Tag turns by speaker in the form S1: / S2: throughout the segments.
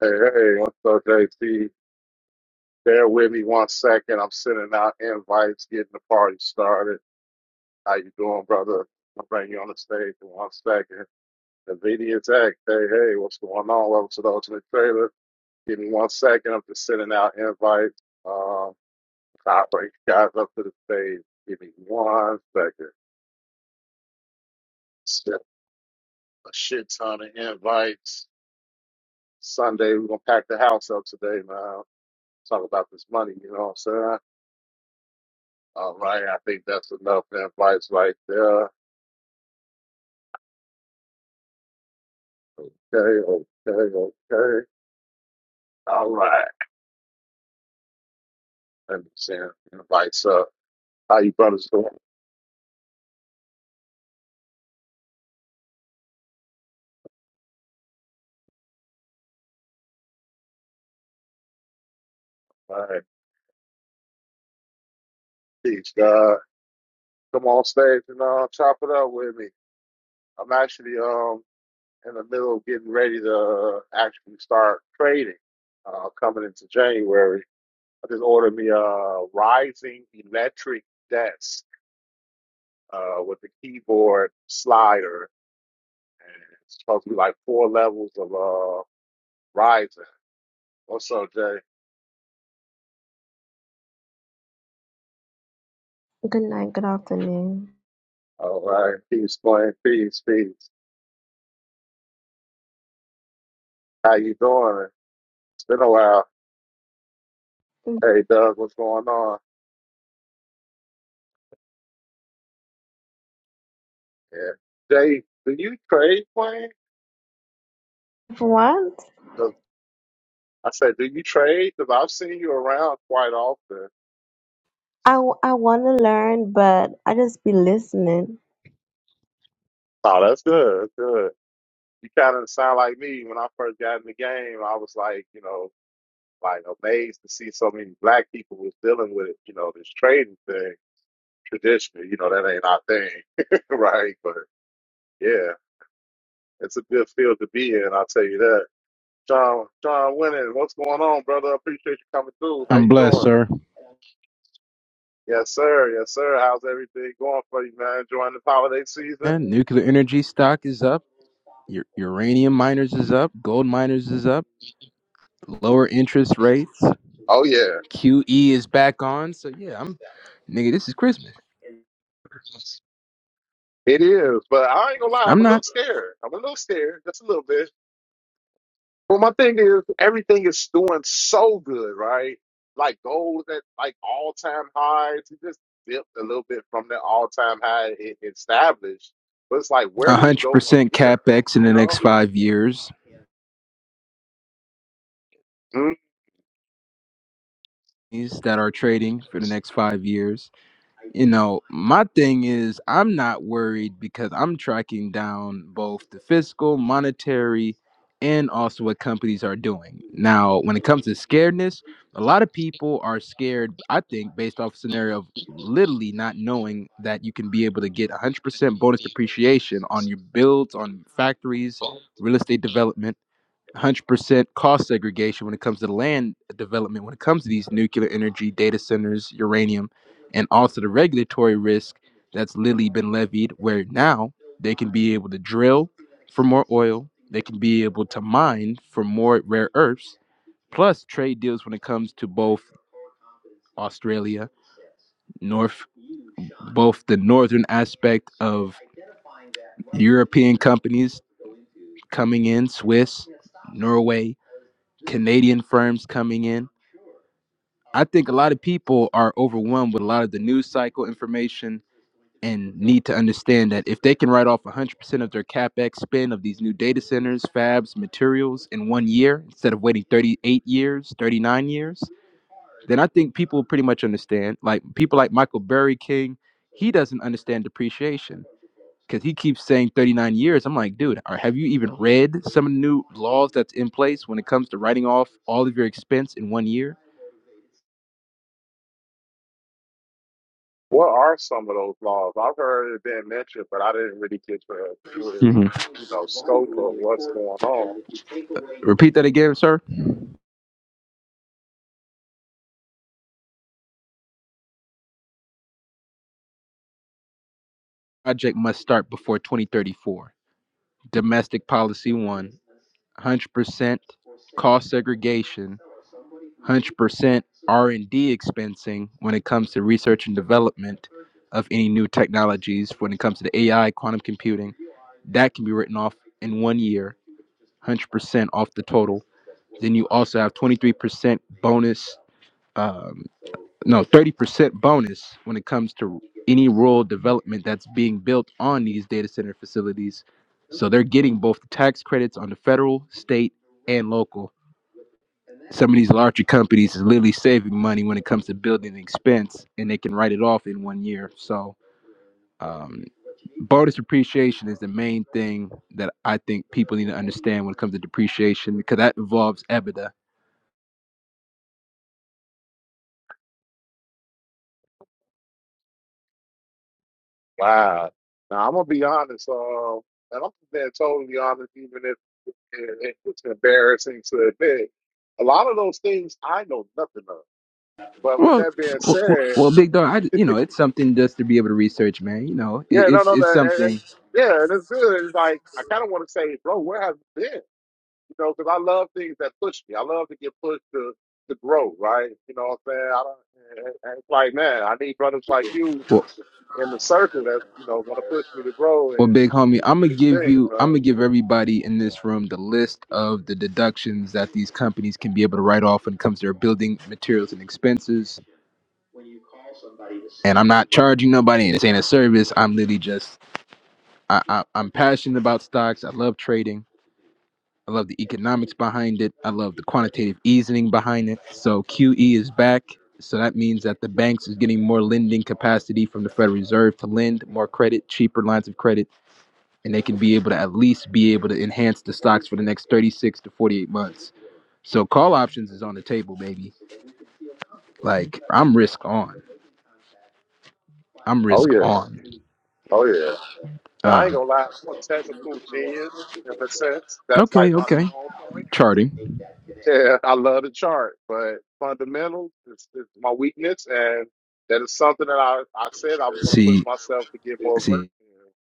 S1: Hey, hey, what's up, JT? Bear with me one second. I'm sending out invites, getting the party started. How you doing, brother? I'll bring you on the stage in one second. NVIDIA Tech, hey, hey, what's going on? Welcome to the Ultimate Trailer. Give me one second. I'm just sending out invites. Um, I'll bring you guys up to the stage. Give me one second. Send a shit ton of invites. Sunday, we're going to pack the house up today, man. Talk about this money, you know what I'm saying? All right, I think that's enough advice right there. Okay, okay, okay. All right. Let me send invites up. How you brothers doing? All right. Peace, God. Come on stage and uh, chop it up with me. I'm actually um in the middle of getting ready to actually start trading. Uh, coming into January, I just ordered me a rising electric desk uh, with the keyboard slider, and it's supposed to be like four levels of uh Rising. What's up, Jay?
S2: Good night, good afternoon.
S1: All right. Peace, playing. Peace, peace. How you doing? It's been a while. Hey, Doug, what's going on? Yeah. Jay, do you trade, Wayne?
S2: For What?
S1: 'Cause I said, do you trade? Because I've seen you around quite often.
S2: I, I want to learn, but I just be listening.
S1: Oh, that's good. That's good. You kind of sound like me. When I first got in the game, I was like, you know, like amazed to see so many black people was dealing with, you know, this trading thing traditionally. You know, that ain't our thing, right? But yeah. It's a good field to be in, I'll tell you that. John, John Winning, what's going on, brother? Appreciate you coming through. How
S3: I'm
S1: you
S3: blessed,
S1: doing?
S3: sir.
S1: Yes, sir. Yes, sir. How's everything going for you, man? Enjoying the holiday season?
S3: And nuclear energy stock is up. u- Uranium miners is up. Gold miners is up. Lower interest rates.
S1: Oh yeah,
S3: QE is back on. So yeah, I'm nigga. This is Christmas.
S1: it is. But I ain't gonna lie,
S3: I'm
S1: I'm a little
S3: not
S1: scared. I'm a little scared, just a little bit. But my thing is, everything is doing so good, right? Like gold at like all time highs. It just dipped a little bit from the all time high it it established. But it's like, where
S3: a
S1: do we
S3: hundred
S1: go from
S3: percent
S1: here?
S3: capex in the
S1: You know?
S3: next five years.
S1: Mm.
S3: These that are trading for the next five years. you know, my thing is I'm not worried because I'm tracking down both the fiscal, monetary, and also what companies are doing. Now, when it comes to scaredness, a lot of people are scared, I think, based off scenario of literally not knowing that you can be able to get 100% bonus depreciation on your builds, on factories, real estate development 100% cost segregation when it comes to the land development, when it comes to these nuclear energy data centers, uranium, and also the regulatory risk that's literally been levied, where now they can be able to drill for more oil, they can be able to mine for more rare earths, plus trade deals when it comes to both Australia, North, both the northern aspect of European companies coming in, Swiss, Norway, Canadian firms coming in I think a lot of people are overwhelmed with a lot of the news cycle information and need to understand that if they can write off 100% of their capex spend of these new data centers, fabs, materials in one year instead of waiting 38 years, 39 years, then I think people pretty much understand. Like people like Michael Berry King, he doesn't understand depreciation because he keeps saying 39 years. I'm like, dude, are, have you even read some of the new laws that's in place when it comes to writing off all of your expense in one year?
S1: What are some of those laws? I've heard it being mentioned, but I didn't really get the full,
S3: hmm
S1: you know, scope of what's going on.
S3: Repeat that again, sir. project must start before 2034. Domestic policy one, 100% cost segregation, 100% R&D expensing when it comes to research and development of any new technologies. When it comes to the AI, quantum computing, that can be written off in one year, 100% off the total. Then you also have 23% bonus. um, no 30% bonus when it comes to any rural development that's being built on these data center facilities so they're getting both the tax credits on the federal state and local some of these larger companies is literally saving money when it comes to building expense and they can write it off in one year so um, bonus depreciation is the main thing that i think people need to understand when it comes to depreciation because that involves ebitda
S1: Wow. Now I'm gonna be honest, uh, and I'm being totally honest, even if it, it- it's embarrassing to admit. A lot of those things I know nothing of. But with
S3: Well,
S1: that being
S3: well, well,
S1: said,
S3: well, big dog. I, you know, it's something just to be able to research, man. You know, it,
S1: yeah, no,
S3: it's
S1: no,
S3: it's
S1: no, and, and
S3: something.
S1: yeah, and it's good. It's like I kind of want to say, bro, where have you been? you know, because I love things that push me. I love to get pushed to to grow, right? You know what I'm saying? I don't, and- and it's like, man, I need brothers like you
S3: Well,
S1: in the circle that's you know going to push me to grow
S3: well,
S1: and
S3: big homie,
S1: teach
S3: I'm
S1: me
S3: gonna
S1: new
S3: give
S1: things,
S3: you. I'm
S1: man.
S3: gonna give everybody in this room the list of the deductions that these companies can be able to write off when it comes to their building materials and expenses. And I'm not charging nobody. And it's ain't a service. I'm literally just. I, I, I'm passionate about stocks. I love trading I love the economics behind it. I love the quantitative easing behind it. So QE is back. So that means that the banks is getting more lending capacity from the Federal Reserve to lend more credit, cheaper lines of credit, and they can be able to at least be able to enhance the stocks for the next 36 to 48 months. So call options is on the table, baby. Like I'm risk on. I'm
S1: Oh
S3: risk
S1: yeah,
S3: on.
S1: oh yeah. And I ain't
S3: Uh.
S1: gonna lie, I'm a technical genius in a sense. That's like
S3: okay,
S1: my
S3: okay.
S1: strong point.
S3: Charting.
S1: Yeah, I love the chart, but fundamentals is, is my weakness, and that is something that I I said I was going to push
S3: See,
S1: myself to get more
S3: see.
S1: versed in.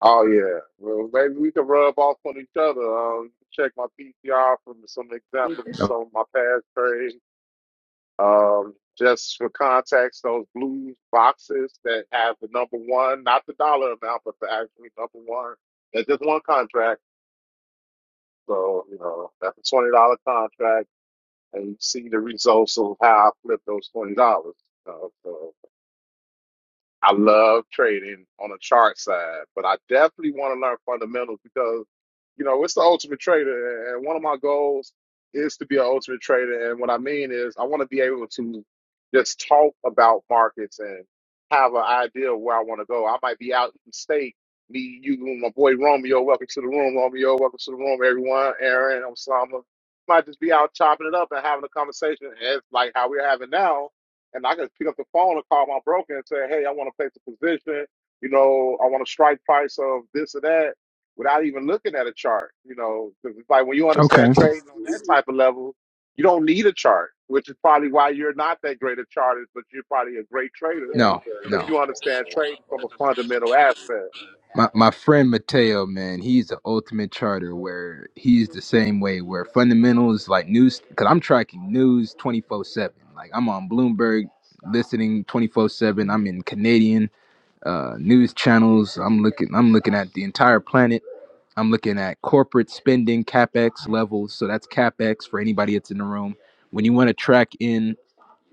S1: Oh yeah. Well, maybe we can rub off on each other. Um, you can check my PTR from some examples of some of my past trades. Um, just for context, those blue boxes that have the number one, not the dollar amount, but the actual number one. That's just one contract. So you know that's a twenty dollar contract, and you see the results of how I flipped those twenty dollars. I love trading on a chart side, but I definitely want to learn fundamentals because, you know, it's the ultimate trader. And one of my goals is to be an ultimate trader. And what I mean is, I want to be able to just talk about markets and have an idea of where I want to go. I might be out in state, me, you, and my boy Romeo. Welcome to the room, Romeo. Welcome to the room, everyone. Aaron, Osama. Might just be out chopping it up and having a conversation as like how we're having now and I can pick up the phone and call my broker and say, "Hey, I want to place a position. You know, I want a strike price of this or that," without even looking at a chart. You know, because it's like when you understand
S3: Okay.
S1: trading on that type of level, you don't need a chart, which is probably why you're not that great at charters, but you're probably a great trader
S3: No,
S1: because
S3: no.
S1: you understand trading from a fundamental aspect.
S3: My my friend Mateo, man, he's the ultimate charter where he's the same way where fundamentals like news cuz I'm tracking news 24/7. Like I'm on Bloomberg listening 24/7. I'm in Canadian uh news channels. I'm looking I'm looking at the entire planet. I'm looking at corporate spending capex levels. So that's capex for anybody that's in the room. When you want to track in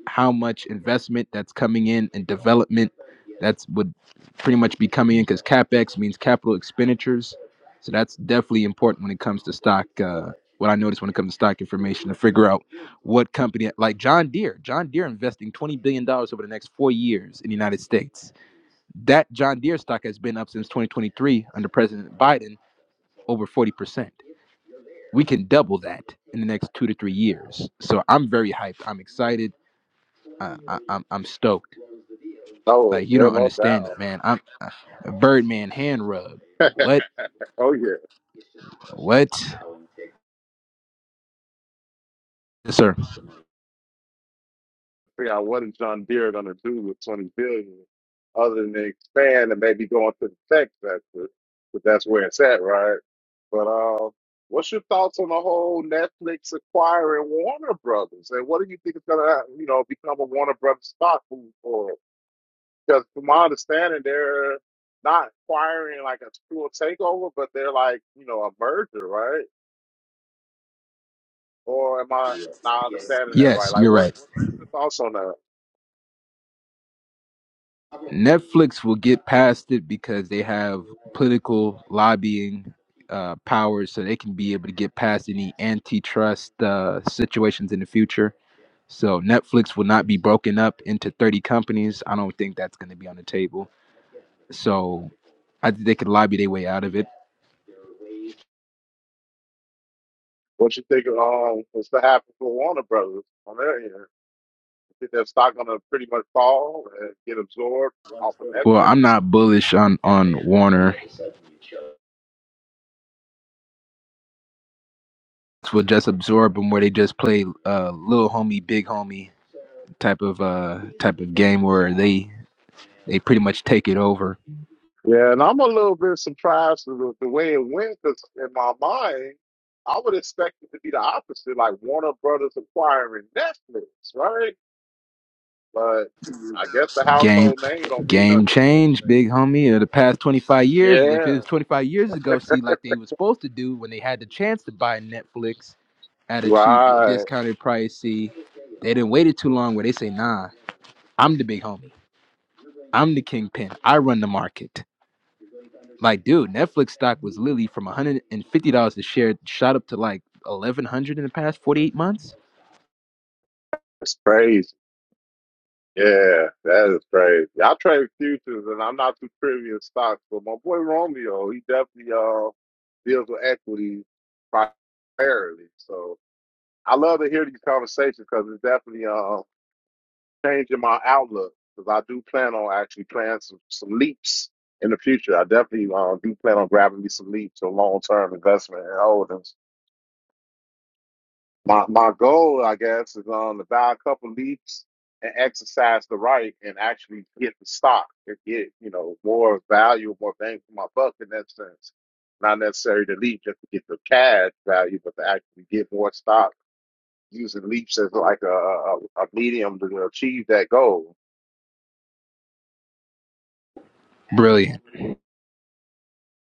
S3: how much investment that's coming in and development that's would pretty much be coming in because capex means capital expenditures so that's definitely important when it comes to stock uh, what i noticed when it comes to stock information to figure out what company like john deere john deere investing $20 billion dollars over the next four years in the united states that john deere stock has been up since 2023 under president biden over 40% we can double that in the next two to three years so i'm very hyped i'm excited uh, I, I'm, I'm stoked
S1: Oh,
S3: Like you
S1: yeah,
S3: don't
S1: no
S3: understand it,
S1: doubt.
S3: man. I'm a Birdman hand rub. What?
S1: Oh, yeah."
S3: What? Yes, sir.
S1: figure out what is John Deere going to do with 20 billion dollars other than expand and maybe go into the tech sector, but that's where it's at, right? But uh, what's your thoughts on the whole Netflix acquiring Warner Brothers, and what do you think is going to, you know, become a Warner Brothers stock moving forward? Because from my understanding, they're not acquiring like a full takeover, but they're like, you know, a merger, right? Or am I not understanding that right?
S3: Yes,
S1: Like,
S3: you're
S1: what,
S3: right.
S1: what what's your thoughts on that?
S3: Netflix will get past it because they have political lobbying uh, powers, so they can be able to get past any antitrust uh, situations in the future. So Netflix will not be broken up into 30 companies. I don't think that's going to be on the table. So I think they could lobby their way out of it.
S1: What you think of um, what's to happen for Warner Brothers on their end? I think their stock gonna pretty much fall and get absorbed off of
S3: Well,
S1: Netflix.
S3: I'm not bullish on on Warner will just absorb them where they just play uh little homie big homie type of uh type of game where they they pretty much take it over
S1: Yeah, and I'm a little bit surprised with the, the way it went because in my mind, I would expect it to be the opposite, like Warner Brothers acquiring Netflix, right? But I guess the
S3: game
S1: household name don't mean
S3: game
S1: nothing. these
S3: change big
S1: days.
S3: homie in the past 25 years if
S1: Yeah,
S3: it was 25 years ago see like they was supposed to do when they had the chance to buy netflix at a cheap
S1: right.
S3: discounted price see they didn't wait it too long where they say nah i'm the big homie i'm the kingpin i run the market Like, dude, Netflix stock was literally from $150 a share, shot up to like 1100 in the past 48 months.
S1: It's crazy. Yeah, that is crazy. I trade futures, and I'm not too privy in stocks, but my boy Romeo, he definitely uh deals with equities primarily. So I love to hear these conversations because it's definitely uh changing my outlook. Because I do plan on actually playing some some leaps in the future. I definitely uh, do plan on grabbing me some leaps or long term investment and holdings. My my goal, I guess, is um to buy a couple leaps and exercise the right and actually get the stock and get, you know, more value, more bang for my buck in that sense. Not necessarily to leap just to get the cash value, but to actually get more stock using leaps as like a, a, a medium to achieve that goal.
S3: Brilliant.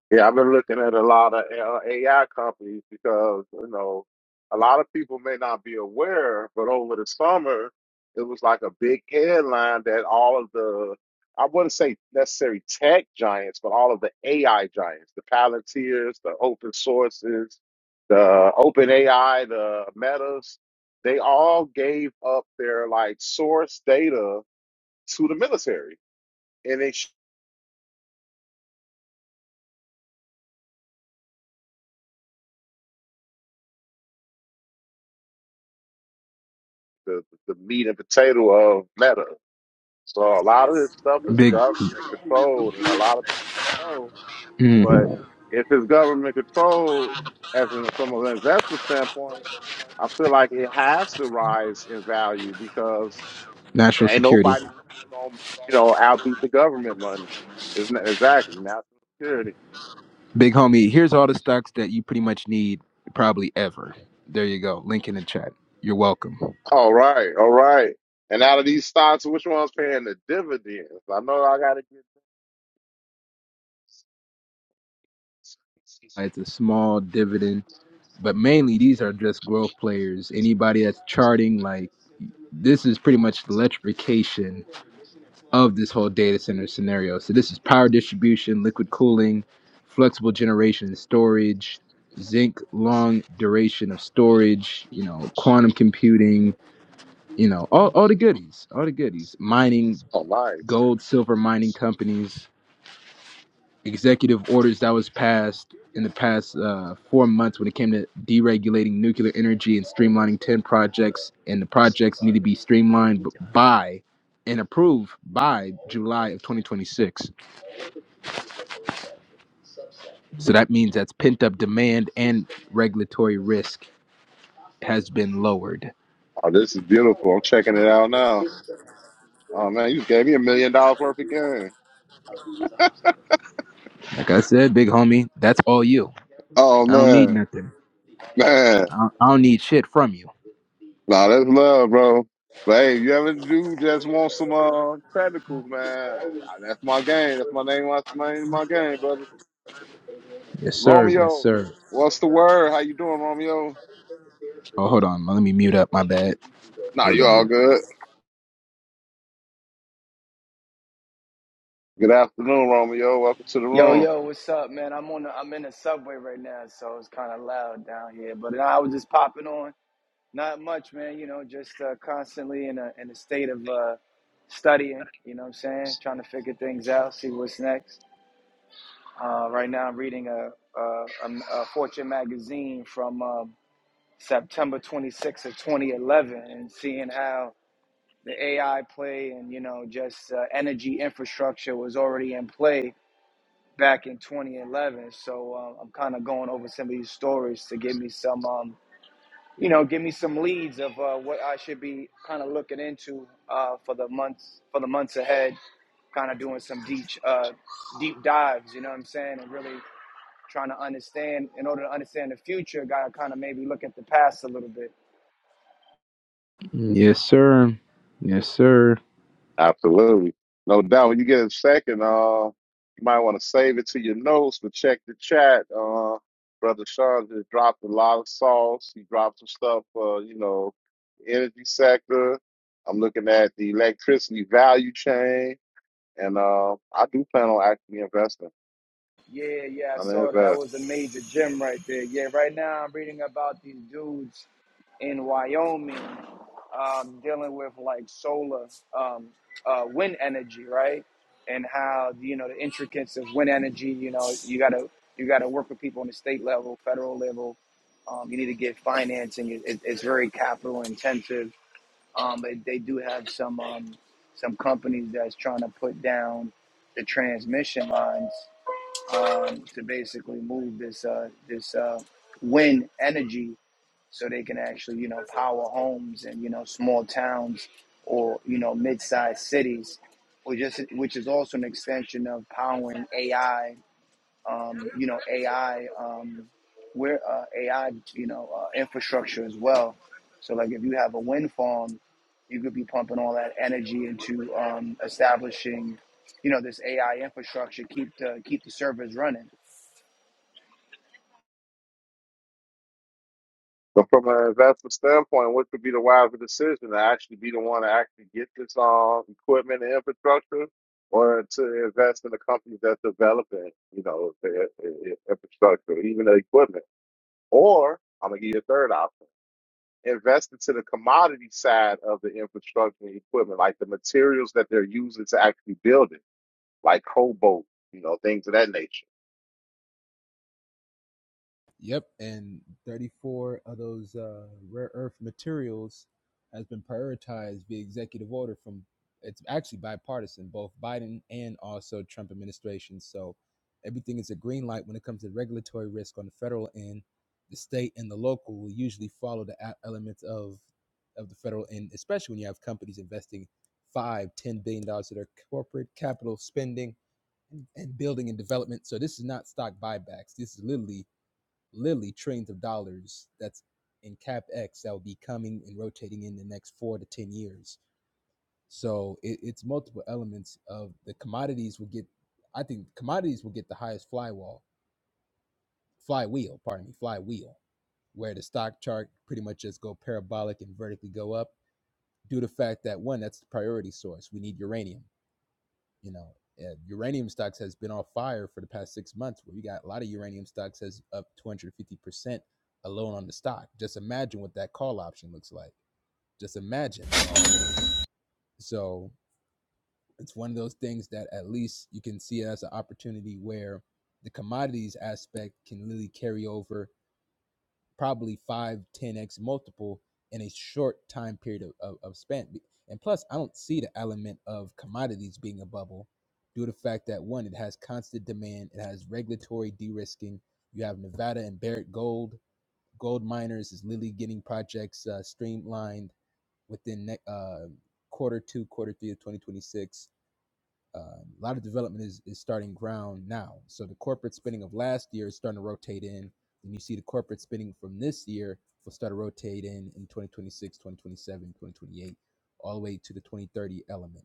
S1: Yeah, I've been looking at a lot of uh, AI companies because, you know, a lot of people may not be aware, but over the summer, it was like a big headline that all of the, I wouldn't say necessarily tech giants, but all of the AI giants, the Palantirs, the open sources, the open AI, the metas, they all gave up their like source data to the military. And they, sh- the, the meat and potato of meta. So a lot of this stuff is
S3: Big
S1: government controlled, and a lot of people don't know. But
S3: mm,
S1: if it's government controlled, as in, from an investment standpoint, I feel like it has to rise in value because it
S3: national
S1: ain't
S3: security.
S1: nobody going to you know outbeat the government money. Isn't exactly national security?
S3: Big homie, here's all the stocks that you pretty much need probably ever. There you go. Link in the chat. You're welcome.
S1: All right, all right. And out of these stocks, which one's paying the dividends? I know I got to get. this.
S3: It's a small dividend, but mainly these are just growth players. Anybody that's charting, like, this is pretty much the electrification of this whole data center scenario. So this is power distribution, liquid cooling, flexible generation and storage, zinc long duration of storage, you know, quantum computing, you know, all, all the goodies, all the goodies. Mining,
S1: Oh, nice.
S3: gold, silver mining companies, executive orders that was passed in the past uh, four months when it came to deregulating nuclear energy and streamlining 10 projects and the projects need to be streamlined b- by and approved by July of 2026 So that means that's pent up demand and regulatory risk has been lowered.
S1: Oh, this is beautiful. I'm checking it out now. Oh man, you just gave me a million dollars worth of game.
S3: Like I said, big homie, that's all you.
S1: Oh
S3: I don't need
S1: man,
S3: nothing.
S1: man.
S3: I don't, I don't need shit from you.
S1: Nah, that's love, bro. But hey, you ever do just want some uh tentacles, man? Ah, That's my game. That's my name. That's my name. My game, brother.
S3: Yes, sir. Yes,
S1: Romeo.
S3: sir.
S1: What's the word? How you doing, Romeo?
S3: Oh, hold on. Let me mute up. My bad.
S1: Nah, you all
S3: Um,
S1: good. Good afternoon, Romeo. Welcome to the
S4: Yo,
S1: room.
S4: yo, what's up, man? I'm on the I'm in the subway right now, so it's kind of loud down here. But I was just popping on. Not much, man. You know, just uh, constantly in a in a state of uh, studying. You know what I'm saying? Trying to figure things out, see what's next. Uh, right now, I'm reading a, a, a, a Fortune magazine from um, September 26th of 2011, and seeing how the AI play and you know just uh, energy infrastructure was already in play back in 2011. So uh, I'm kind of going over some of these stories to give me some, um, you know, give me some leads of uh, what I should be kind of looking into uh, for the months for the months ahead. Kind of doing some deep uh, deep dives, you know what I'm saying, and really trying to understand. In order to understand the future, gotta kind of maybe look at the past a little bit.
S3: yes, sir. Yes, sir.
S1: Absolutely. No doubt. When you get a second, uh, you might want to save it to your notes, but check the chat. Uh, Brother Sean just dropped a lot of sauce. He dropped some stuff, uh, you know, energy sector. I'm looking at the electricity value chain, and uh, I do plan on actually investing.
S4: Yeah, yeah, I
S1: I'm gonna
S4: saw that.
S1: invest.
S4: That was a major gem right there. Yeah, right now I'm reading about these dudes in Wyoming um, dealing with like solar um, uh, wind energy, right? And how you know the intricacies of wind energy. You know, you gotta you gotta work with people on the state level, federal level. Um, you need to get financing. It, it, it's very capital intensive. Um, but they do have some um, some companies that's trying to put down the transmission lines um, to basically move this uh, this uh, wind energy so they can actually you know power homes and you know small towns or you know mid-sized cities or just which is also an extension of powering AI um, you know AI um, where uh, AI you know uh, infrastructure as well so like if you have a wind farm you could be pumping all that energy into um, establishing you know this AI infrastructure keep the keep the servers running
S1: But from an investment standpoint, what could be the wiser decision to actually be the one to actually get this um, equipment and infrastructure or to invest in a company that's developing, you know, the i- infrastructure, even the equipment? Or I'm going to give you a third option invest into the commodity side of the infrastructure and equipment, like the materials that they're using to actually build it, like cobalt, you know, things of that nature.
S3: Yep, and 34 of those uh, rare earth materials has been prioritized via executive order from it's actually bipartisan, both Biden and also Trump administration. So everything is a green light when it comes to regulatory risk on the federal end. The state and the local will usually follow the a- elements of of the federal end, especially when you have companies investing five, ten billion dollars of their corporate capital spending and building and development. So this is not stock buybacks. This is literally literally trillions of dollars that's in CapEx that will be coming and rotating in the next four to 10 years. So it, it's multiple elements of the commodities will get, I think commodities will get the highest flywall, flywheel, pardon me, flywheel, where the stock chart pretty much just go parabolic and vertically go up due to the fact that one, that's the priority source. We need uranium you know uh, uranium stocks has been on fire for the past six months where you got a lot of uranium stocks has up 250% alone on the stock just imagine what that call option looks like just imagine so it's one of those things that at least you can see it as an opportunity where the commodities aspect can really carry over probably five ten 10x multiple in a short time period of, of, of span. And plus, I don't see the element of commodities being a bubble due to the fact that one, it has constant demand, it has regulatory de risking. You have Nevada and Barrick Gold. Gold miners is literally getting projects uh, streamlined within ne- uh, quarter two, quarter three of 2026 uh, a lot of development is, is starting ground now. So the corporate spending of last year is starting to rotate in. And you see the corporate spending from this year will start to rotate in in 2026, 2027, 2028, all the way to the 2030 element.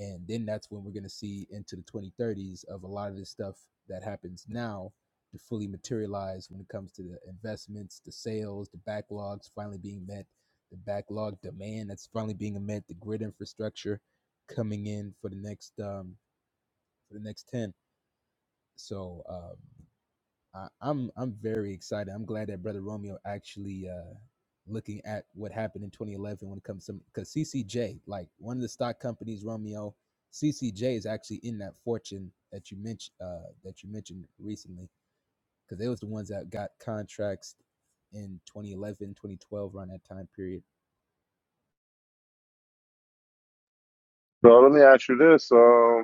S3: And then that's when we're going to see into the 2030s of a lot of this stuff that happens now to fully materialize when it comes to the investments, the sales, the backlogs finally being met, the backlog demand that's finally being met, the grid infrastructure coming in for the next um, for the next 10 so um, I, i'm i'm very excited i'm glad that brother romeo actually uh looking at what happened in 2011 when it comes to because ccj like one of the stock companies romeo ccj is actually in that fortune that you mentioned uh that you mentioned recently because they was the ones that got contracts in 2011 2012 around that time period
S1: So let me ask you this. um,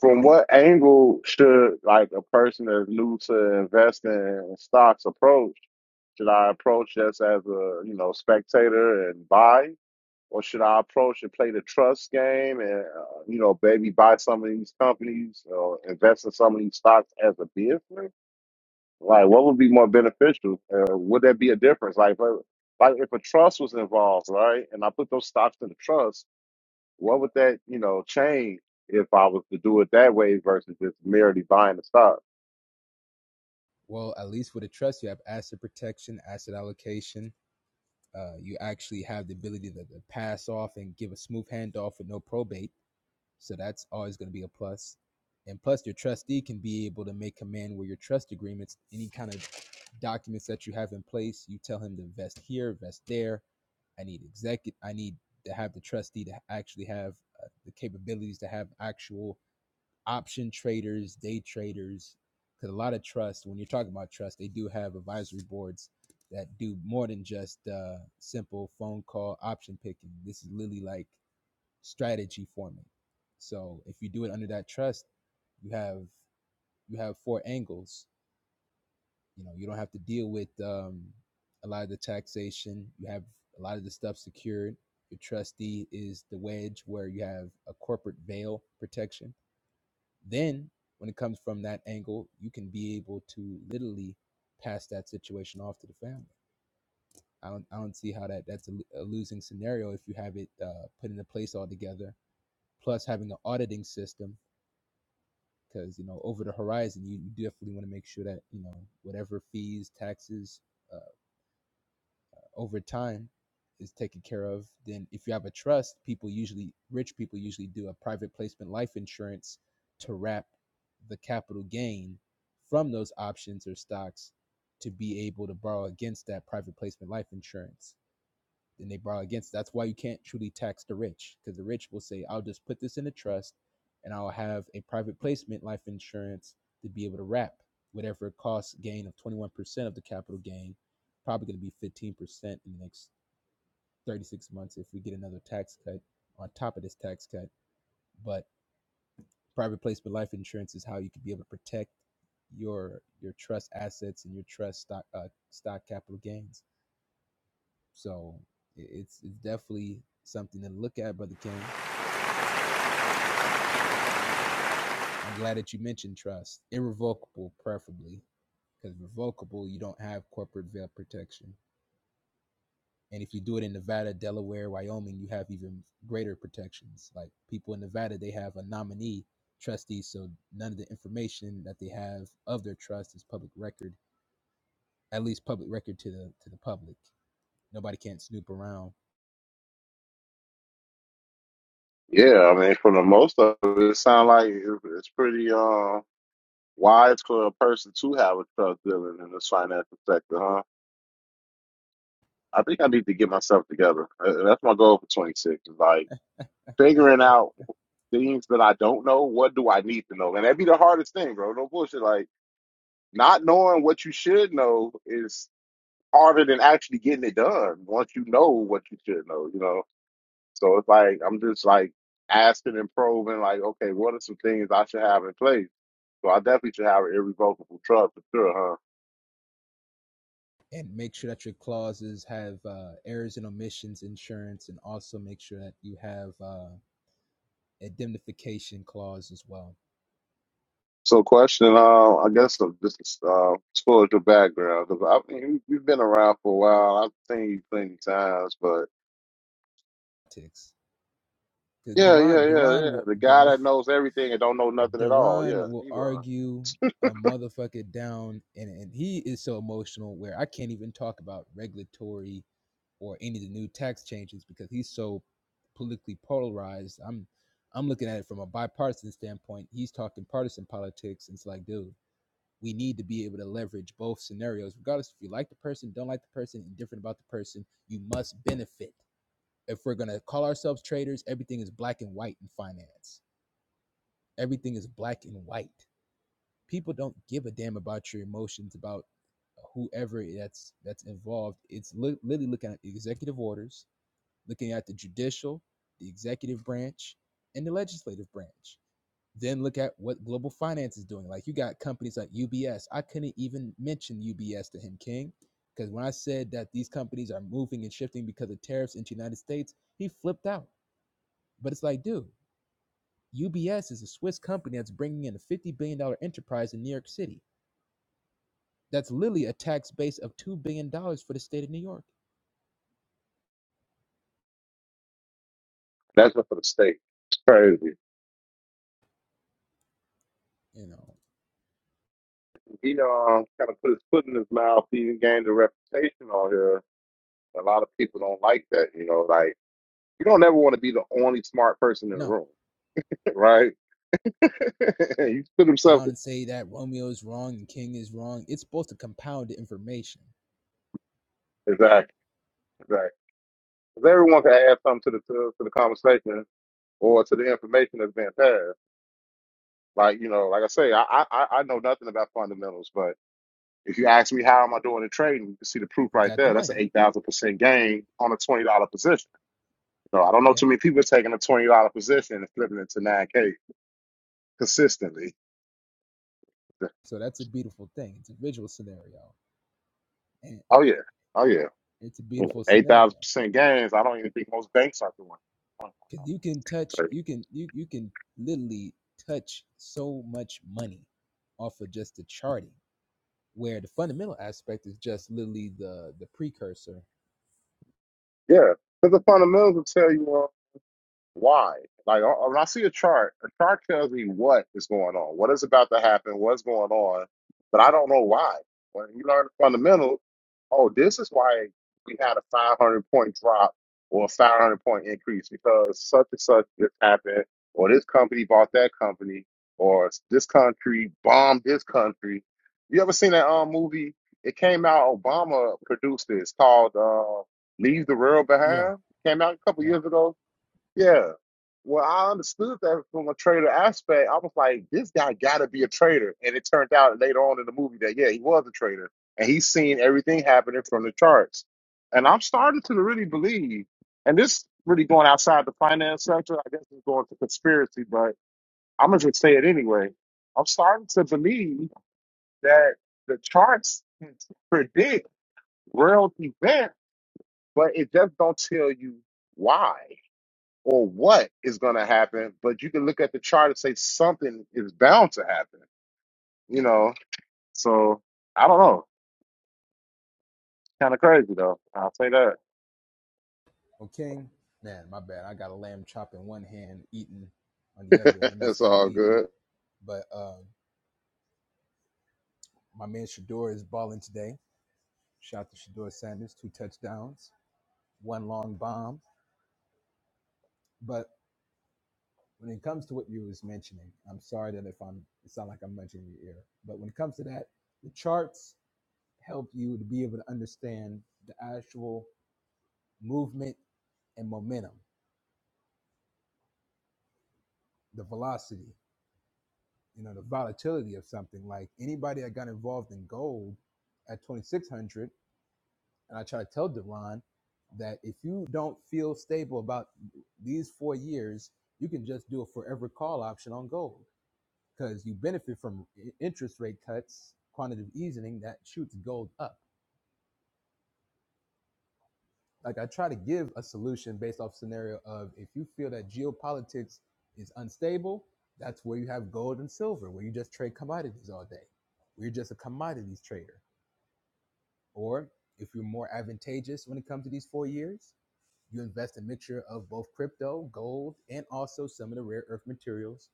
S1: From what angle should like a person that's new to investing in stocks approach? Should I approach just as a you know spectator and buy, or should I approach and play the trust game and uh, you know maybe buy some of these companies or invest in some of these stocks as a business? Like, what would be more beneficial? Uh, would there be a difference? Like, if- like if a trust was involved, right, and I put those stocks in the trust what would that, you know, change if I was to do it that way versus just merely buying the stock?
S3: well at least with a trust you have asset protection asset allocation Uh, you actually have the ability to, to pass off and give a smooth handoff with no probate. So that's always going to be a plus. And plus, your trustee can be able to make command where your trust agreements, any kind of documents that you have in place, you tell him to vest here, vest there. I need execu I need to have the trustee to actually have uh, the capabilities to have actual option traders, day traders, because a lot of trust, when you're talking about trust, they do have advisory boards that do more than just uh, simple phone call option picking. This is literally like strategy forming. So if you do it under that trust, you have you have four angles. You know, you don't have to deal with um, a lot of the taxation. You have a lot of the stuff secured. Your trustee is the wedge where you have a corporate veil protection then when it comes from that angle you can be able to literally pass that situation off to the family i don't, I don't see how that that's a, a losing scenario if you have it uh, put into place altogether plus having an auditing system because you know over the horizon you you definitely want to make sure that you know whatever fees taxes uh, over time is taken care of then if you have a trust people usually rich people usually do a private placement life insurance to wrap the capital gain from those options or stocks to be able to borrow against that private placement life insurance and they brought against. That's why you can't truly tax the rich because the rich will say, "I'll just put this in a trust, and I'll have a private placement life insurance to be able to wrap whatever cost gain of 21% of the capital gain, probably going to be 15% in the next 36 months if we get another tax cut on top of this tax cut. But private placement life insurance is how you can be able to protect your your trust assets and your trust stock uh, stock capital gains. So it's it's definitely something to look at, brother King. I'm glad that you mentioned trust, irrevocable, preferably, because revocable you don't have corporate veil protection, and if you do it in Nevada, Delaware, Wyoming, you have even greater protections. Like people in Nevada, they have a nominee trustee, so none of the information that they have of their trust is public record, at least public record to the to the public. Nobody can't snoop around
S1: Yeah, I mean, for the most of it, it sounds like it- it's pretty uh, wise for a person to have a tough dealing in this financial sector, huh? I think I need to get myself together. Uh, That's my goal for 26 is like figuring out things that I don't know. What do I need to know? And that'd be the hardest thing, bro. No bullshit. Like, not knowing what you should know is harder than actually getting it done once you know what you should know, you know? So it's like I'm just like asking and probing, like, okay, what are some things I should have in place? So I definitely should have an irrevocable trust for sure, huh?
S3: and make sure that your clauses have uh, errors and omissions insurance, and also make sure that you have uh, indemnification clause as well.
S1: So question, uh, I guess uh, just uh, as far as your background, because I mean, you- you've been around for a while. I've seen you plenty times, but
S3: Because
S1: yeah, yeah,
S3: Duran
S1: yeah,
S3: Duran
S1: yeah.
S3: will
S1: The guy
S3: Duran,
S1: that knows everything and don't know nothing at all. Yeah,
S3: Duran will
S1: Devon.
S3: argue a motherfucker down, and and he is so emotional where I can't even talk about regulatory or any of the new tax changes because he's so politically polarized. I'm I'm looking at it from a bipartisan standpoint. He's talking partisan politics. and It's like, dude, we need to be able to leverage both scenarios, regardless if you like the person, don't like the person, indifferent about the person, you must benefit. If we're going to call ourselves traders, everything is black and white in finance. Everything is black and white. People don't give a damn about your emotions, about whoever that's that's involved. It's li- literally looking at the executive orders, looking at the judicial, the executive branch, and the legislative branch. Then look at what global finance is doing. Like you got companies like UBS. I couldn't even mention UBS to him, King, because when I said that these companies are moving and shifting because of tariffs into the United States, he flipped out. But it's like, dude, UBS is a Swiss company that's bringing in a $50 billion dollars enterprise in New York City. That's literally a tax base of $2 billion dollars for the state of New York.
S1: That's up for the state. It's crazy.
S3: You know,
S1: He uh, kind of put his foot in his mouth. He even gained a reputation on here. A lot of people don't like that, you know, like You don't ever want to be the only smart person in the
S3: no,
S1: room, right? you put himself
S3: down and say that Romeo is wrong and King is wrong. It's supposed to compound the information.
S1: exactly, exactly. 'Cause everyone can add something to the to, to the conversation or to the information that's being passed. Like you know, like I say, I I, I I know nothing about fundamentals, but if you ask me how am I doing in trading, you can see the proof
S3: You
S1: right
S3: got the
S1: there. That's an
S3: money.
S1: eight thousand percent gain on a twenty dollar position. So I don't
S3: yeah.
S1: know too many people taking a twenty dollar position and flipping it to nine k consistently.
S3: So that's a beautiful thing. It's a visual scenario, and
S1: Oh yeah, oh yeah.
S3: it's a
S1: You know,
S3: beautiful
S1: Eight thousand
S3: scenario
S1: percent gains. I don't even think most banks are doing.
S3: because you can touch, you can you you can literally touch so much money off of just the charting, where the fundamental aspect is just literally the the precursor.
S1: Yeah, because the fundamentals will tell you. why? Like uh, when I see a chart, a chart tells me what is going on, what is about to happen, what's going on, but I don't know why. When you learn the fundamentals, oh, this is why we had a 500 point drop or a 500 point increase because such and such just happened, or this company bought that company, or this country bombed this country. You ever seen that um movie? It came out. Obama produced this called uh, "Leave the World
S3: Yeah,
S1: Behind." Came out a couple
S3: yeah.
S1: years ago yeah. Well, I understood that from a trader aspect. I was like, this guy gotta be a trader. And it turned out later on in the movie that, yeah, he was a trader. And he's seen everything happening from the charts. And I'm starting to really believe, and this really going outside the finance sector, I guess it's going to conspiracy, but I'm gonna just say it anyway. I'm starting to believe that the charts can predict real events, but it just don't tell you why or what is going to happen, but you can look at the chart and say something is bound to happen, you know? So I don't know. Kind of crazy, though. I'll say that.
S3: Okay, man, my bad. I got a lamb chop in one hand, eating on the other. Let me
S1: it's
S3: stop
S1: all
S3: eating.
S1: good.
S3: But uh, my man Shador is balling today. Shout out to Shador Sanders, two touchdowns, one long bomb. But when it comes to what you was mentioning, I'm sorry that if I'm it sound like I'm mentioning your ear, but when it comes to that, the charts help you to be able to understand the actual movement and momentum, the velocity, you know, the volatility of something. Like anybody that got involved in gold at 2600, and I try to tell Deron that if you don't feel stable about these four years, you can just do a forever call option on gold because you benefit from i- interest rate cuts, quantitative easing that shoots gold up. Like I try to give a solution based off scenario of if you feel that geopolitics is unstable, that's where you have gold and silver, where you just trade commodities all day. Where you're just a commodities trader. Or if you're more advantageous when it comes to these four years, you invest a mixture of both crypto, gold, and also some of the rare earth materials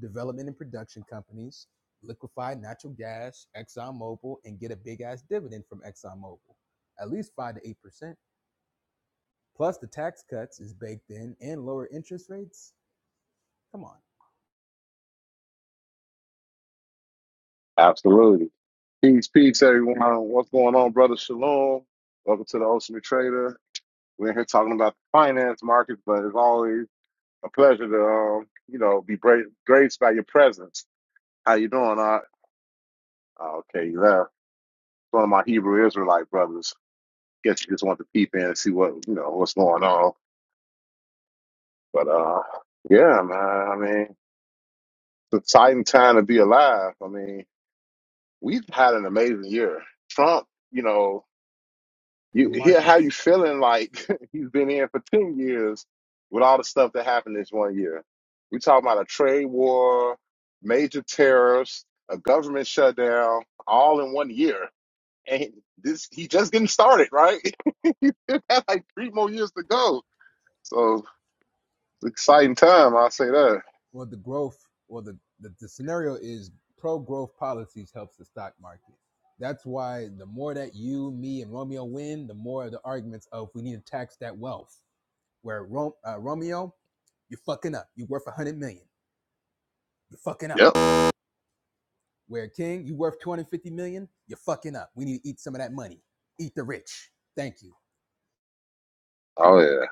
S3: development and production companies, liquefy natural gas, ExxonMobil, and get a big ass dividend from ExxonMobil, at least 5 to 8%. Plus, the tax cuts is baked in and lower interest rates. Come on.
S1: Absolutely. Peace, peace, everyone. What's going on, brother Shalom? Welcome to the Ocean Trader. We're here talking about the finance markets, but it's always a pleasure to, um, you know, be bra- graced by your presence. How you doing? I okay, you left. One of my Hebrew Israelite brothers. guess you just want to peep in and see what you know what's going on. But uh, yeah, man. I mean, it's an exciting time to be alive. I mean, we've had an amazing year. Trump, you know,
S3: The
S1: you hear how you
S3: markets,
S1: feeling like he's been in for ten years with all the stuff that happened this one year. We talking about a trade war, major tariffs, a government shutdown, all in one year. And this he just getting started, right? he still like three more years to go. So It's exciting time, I'll say that.
S3: well, the growth, well, the, the, the scenario is pro growth policies helps the stock market. That's why the more that you, me, and Romeo win, the more the arguments of we need to tax that wealth. Where Ro- uh, Romeo, you're fucking up. You're worth 100 million. You're fucking up
S1: Yep.
S3: Where King, you worth 250 million, you're fucking up. We need to eat some of that money. Eat the rich. Thank you.
S1: Oh yeah.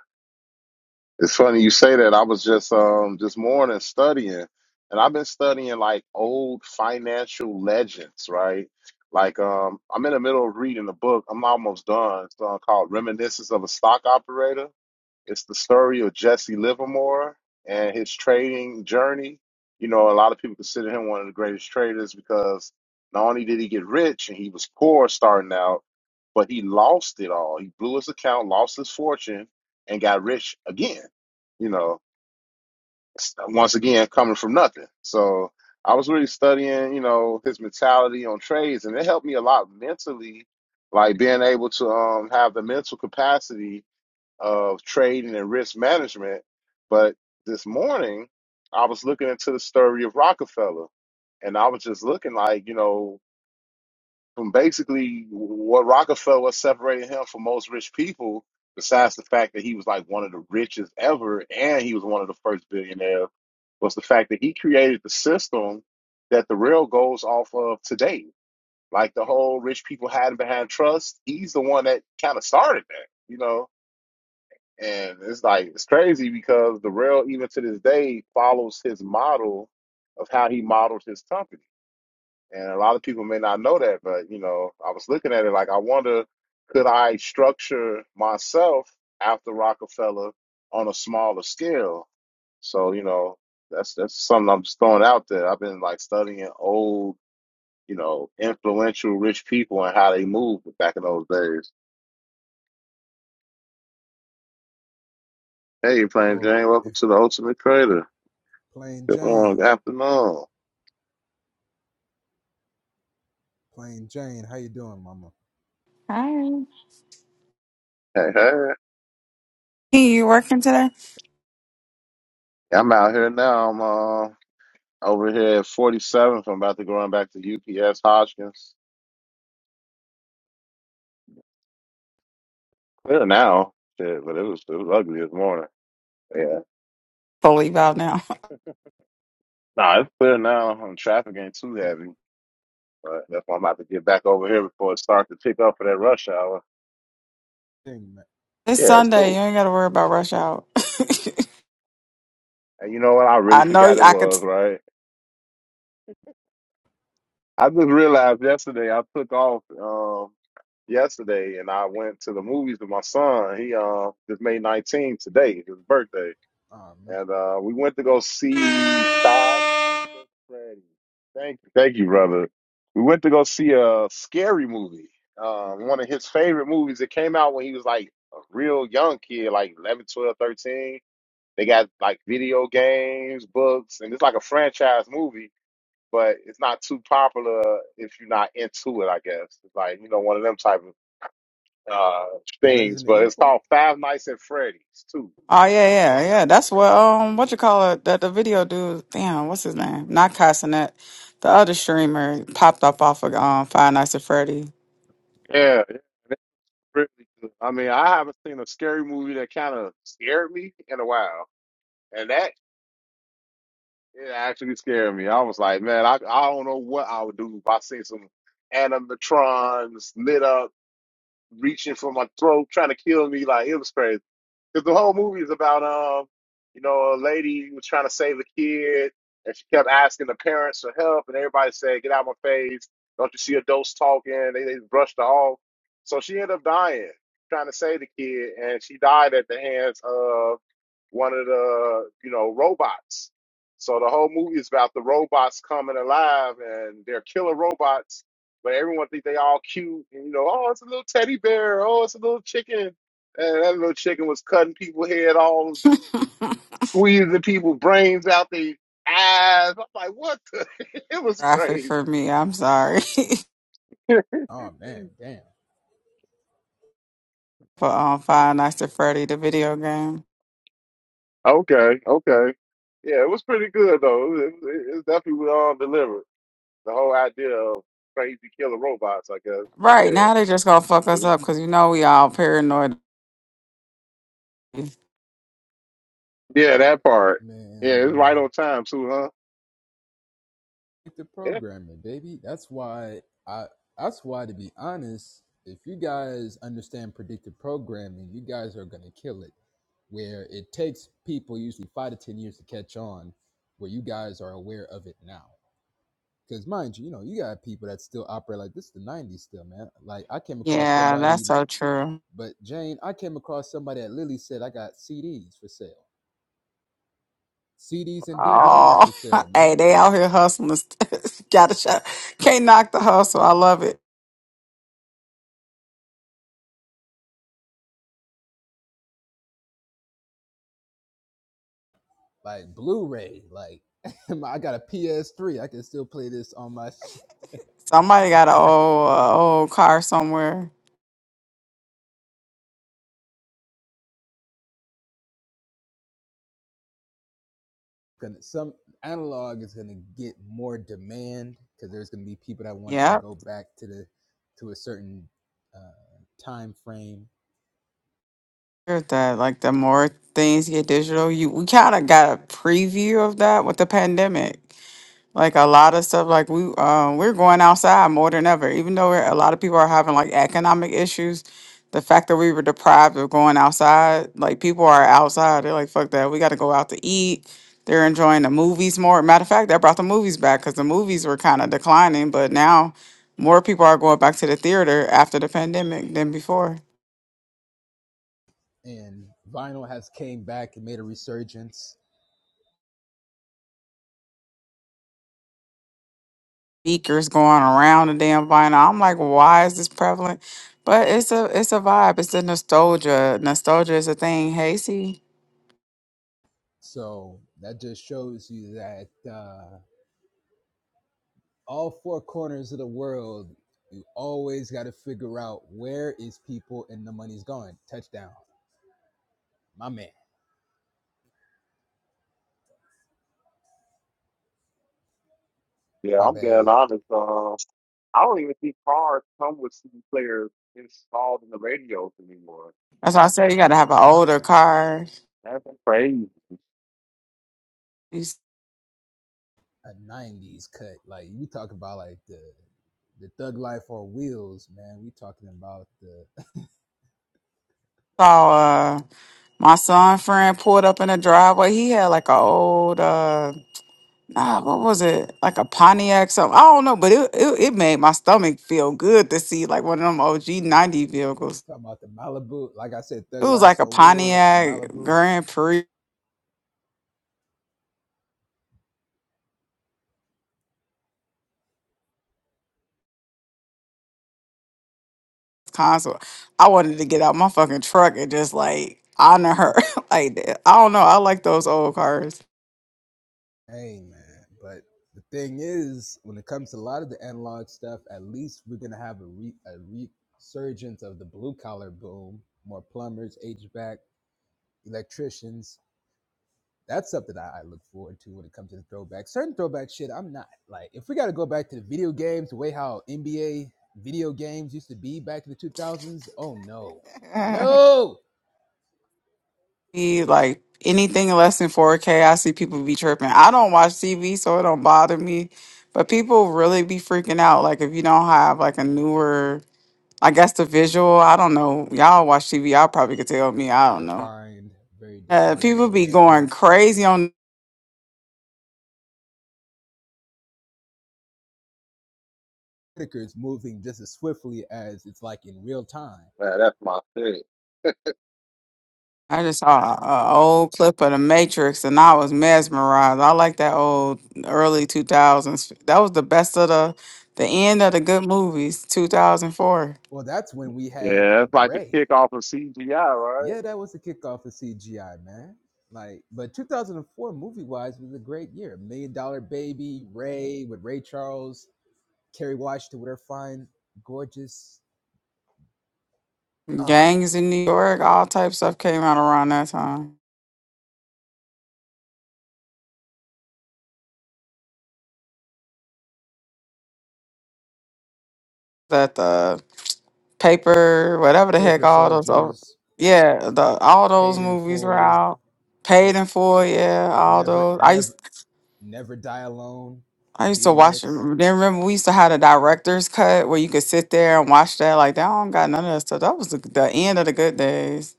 S1: It's funny you say that. I was just um this morning studying and I've been studying like old financial legends, right? Like um I'm in the middle of reading a book. I'm almost done. It's uh, called Reminiscence of a Stock Operator. It's the story of Jesse Livermore and his trading journey. You know, a lot of people consider him one of the greatest traders because not only did he get rich and he was poor starting out, but he lost it all. He blew his account, lost his fortune, and got rich again. You know, s- once again, coming from nothing. So I was really studying, you know, his mentality on trades, and it helped me a lot mentally, like being able to um, have the mental capacity of trading and risk management. But this morning, I was looking into the story of Rockefeller, and I was just looking like, you know, from basically what Rockefeller separated him from most rich people, besides the fact that he was like one of the richest ever, and he was one of the first billionaires, was the fact that he created the system that the rail goes off of today. Like the whole rich people hiding behind trust, he's the one that kind of started that, you know and it's like it's crazy because the rail, even to this day, follows his model of how he modeled his company. And a lot of people may not know that, but you know, I was looking at it like I wonder could I structure myself after Rockefeller on a smaller scale? So, you know, that's that's something I'm just throwing out there. I've been like studying old, you know, influential rich people and how they moved back in those days. Hey, you're playing
S3: Well,
S1: Jane, welcome
S3: if
S1: to the Ultimate Trader.
S3: Plain
S1: Good morning,
S3: Jane,
S1: good afternoon.
S3: Plain Jane, how you doing, Mama?
S5: Hi.
S1: Hey, hey.
S5: Hey, You working today?
S1: I'm out here now. I'm uh, over here at 47th. I'm about to go on back to UPS Hoskins. Clear now. Shit, but it was it was ugly this morning. Yeah.
S5: Fully out now.
S1: Nah, it's clear now. And traffic ain't too heavy. But that's why I'm about to get back over here before it starts to pick up for that rush hour.
S3: Thing, man.
S5: It's
S1: Yeah, it's
S5: Sunday. You
S1: cool.
S5: ain't got to worry about rush out.
S1: And you know what? I really
S5: I know.
S1: forgot it
S5: I could. T-
S1: was, right? I just realized yesterday I took off um yesterday and I went to the movies with my son. He uh just made 19 today, his birthday.
S3: Oh man,
S1: And uh we went to go see Five Nights at Freddy's. Thank you. Thank you, brother. We went to go see a scary movie. Um one of his favorite movies that came out when he was like a real young kid, like 11, 12, 13. They got like video games, books, and it's like a franchise movie but it's not too popular if you're not into it. I guess it's like you know one of them type of uh things.
S3: Resident
S1: But it's
S3: Evil.
S1: called Five Nights at Freddy's too.
S5: oh yeah, yeah, yeah. That's what um, what you call it? That the video dude. Damn, what's his name? Not Cassinet. The other streamer popped up off of um Five Nights at Freddy.
S1: Yeah, it's really good. I mean, I haven't seen a scary movie that kind of scared me in a while, and that it actually scared me. I was like, man, I I don't know what I would do if I seen some animatrons lit up reaching for my throat, trying to kill me. Like it was crazy. Because the whole movie is about um, you know, a lady who was trying to save a kid, and she kept asking the parents for help, and everybody said, "Get out of my face! Don't you see adults talking?" They, they brushed her off. So she ended up dying trying to save the kid, and she died at the hands of one of the you know robots. So the whole movie is about the robots coming alive, and they're killer robots but everyone think they all cute, and you know, oh, it's a little teddy bear, oh, it's a little chicken, and that little chicken was cutting people's head all, squeezing people's brains out their eyes. I'm like, what? The? it was
S5: Graphic
S1: crazy.
S5: for me. I'm sorry
S3: Oh man, damn,
S5: for um Five Nights at Freddy, the video game.
S1: Okay, okay, yeah, it was pretty good though. It, it, it definitely all delivered. The whole idea of crazy killer robots, I guess. But
S5: Right
S1: yeah,
S5: now they just gonna fuck
S1: it
S5: us
S1: was,
S5: up because you know we all paranoid.
S1: yeah, that part. Yeah, it's
S3: man,
S1: right on time too, huh?
S3: Like the
S1: Yeah,
S3: programming, baby. That's why I. That's why, to be honest, if you guys understand predictive programming, you guys are gonna kill it. Where it takes people usually five to ten years to catch on, where you guys are aware of it now. Because mind you, you know, you got people that still operate like this. Is the '90s still, man. Like I came across
S5: Yeah,
S3: somebody,
S5: that's so true.
S3: but Jane, I came across somebody that literally said I got CDs for sale, CDs and DVDs
S5: Oh,
S3: for sale,
S5: hey,
S3: man.
S5: they out here hustling. got to shut. Can't knock the hustle. I love it.
S3: Like Blu-ray, like I got a PS3, I can still play this on my. sh-
S5: Somebody got an old uh, old car somewhere.
S3: some analog is gonna get more demand because there's gonna be people that want to
S5: Yep,
S3: go back to the to a certain uh, time frame,
S5: heard that. Like the more things get digital, you we kind of got a preview of that with the pandemic. Like a lot of stuff, like we um we're going outside more than ever. Even though we're, a lot of people are having like economic issues, the fact that we were deprived of going outside, like people are outside. They're like, fuck that. We got to go out to eat. They're enjoying the movies more. Matter of fact, that brought the movies back because the movies were kind of declining, but now more people are going back to the theater after the pandemic than before.
S3: and vinyl has came back and made a resurgence
S5: speakers going around the damn vinyl. I'm like, why is this prevalent? But it's a it's a vibe. It's a nostalgia. Nostalgia is a thing. Hasty.
S3: So that just shows you that uh, all four corners of the world, you always got to figure out where is people and the money's going. Touchdown, my man,
S1: yeah.
S3: my
S1: I'm
S3: bad,
S1: glad
S3: y'all.
S1: I'm honest. I don't even think cars come with CD players installed in the radios anymore.
S5: That's why I said you got to have an older car.
S1: That's crazy.
S5: You
S3: A '90s cut, like we talk about, like the the thug life on wheels, man. We talking about the
S5: saw uh, my son friend pulled up in the driveway. He had like an old uh, ah, what was it? Like a Pontiac something. I don't know, but it, it it made my stomach feel good to see like one of them OG ninety
S3: we
S5: vehicles.
S3: talking about the Malibu. Like I said,
S5: It
S3: thug
S5: was like
S3: lives
S5: a
S3: on wheels, the
S5: Pontiac
S3: Malibu.
S5: Grand Prix concert. I wanted to get out my fucking truck and just like honor her like that. I don't know. I like those old cars.
S3: Hey man, but the thing is, when it comes to a lot of the analog stuff, at least we're gonna have a, re- a resurgence of the blue collar boom. More plumbers, HVAC, electricians, that's something I, I look forward to when it comes to the throwback. Certain throwback shit, I'm not like. If we got to go back to the video games, the way how NBA video games used to be back in the 2000s, oh no, no.
S5: Be, Like anything less than 4K, I see people be tripping. I don't watch TV, so it don't bother me. But people really be freaking out. Like if you don't have like a newer, I guess the visual. I don't know. Y'all watch TV. Y'all probably could tell me. I don't know.
S3: Defined, very
S5: Uh,
S3: defined,
S5: people be
S3: where
S5: going
S3: where
S5: crazy on.
S3: ticker is moving just as swiftly as it's like in real time.
S1: Man, that's my shit.
S5: I just saw a, a old clip of the
S1: Yeah,
S5: Matrix, and I was mesmerized. I like that old early two thousands. That was the best of the the end of the good movies. Two thousand four
S3: Well, that's when we had
S1: Yeah, that's like the
S3: Ray.
S1: kick off of CGI, right?
S3: Yeah, that was the kickoff of CGI, man. Like, but 2004 movie wise was a great year. Million Dollar Baby, Ray with Ray Charles, Kerry Washington with her fine, gorgeous, ah,
S5: gangs in New York, all type stuff came out around that time. That the paper, whatever the heck,
S3: Paper
S5: all those. old-
S3: Soldiers,
S5: Yeah, the all those
S3: Paid in
S5: movies were
S3: Full,
S5: out. Paid
S3: Pay-
S5: in full, yeah, all
S3: Never,
S5: those. I used
S3: Never, Never Die Alone
S5: I
S3: with
S5: used to watch. Then
S3: DMX,
S5: remember, we used to have the director's cut where you could sit there and watch that. Like that, I don't got none of that stuff. That was the, the end of the good days.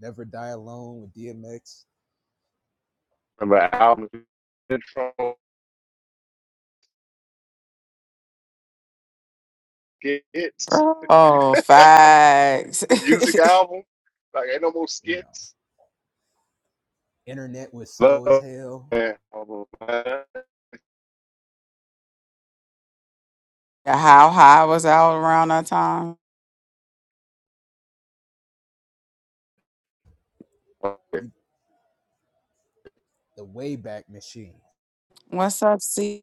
S3: Never Die Alone with DMX.
S1: Remember album intro skits,
S5: Oh, facts.
S1: music album. Like ain't no more
S3: You know,
S1: skits.
S3: Internet was
S1: Love
S3: slow as hell.
S1: that album, man.
S5: How high was out around that time?
S1: Okay.
S3: You- The Wayback Machine.
S5: What's up, C?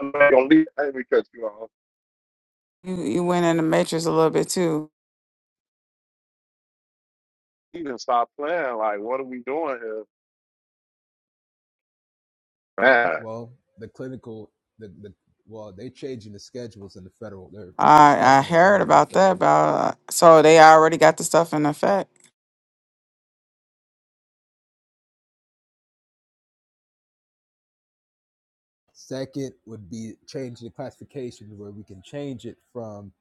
S1: I'm not gonna leave that because you know
S5: You, you went in the matrix a little bit too.
S1: he didn't stop playing. Like what are we doing here, man?
S3: Well, the clinical, the, the well, they are changing the schedules in the federal. They're
S5: I I
S3: discussing and
S5: heard
S3: changing the
S5: about that.
S3: federal.
S5: About so they already got the stuff in effect.
S3: Second would be changing the classification where we can change it from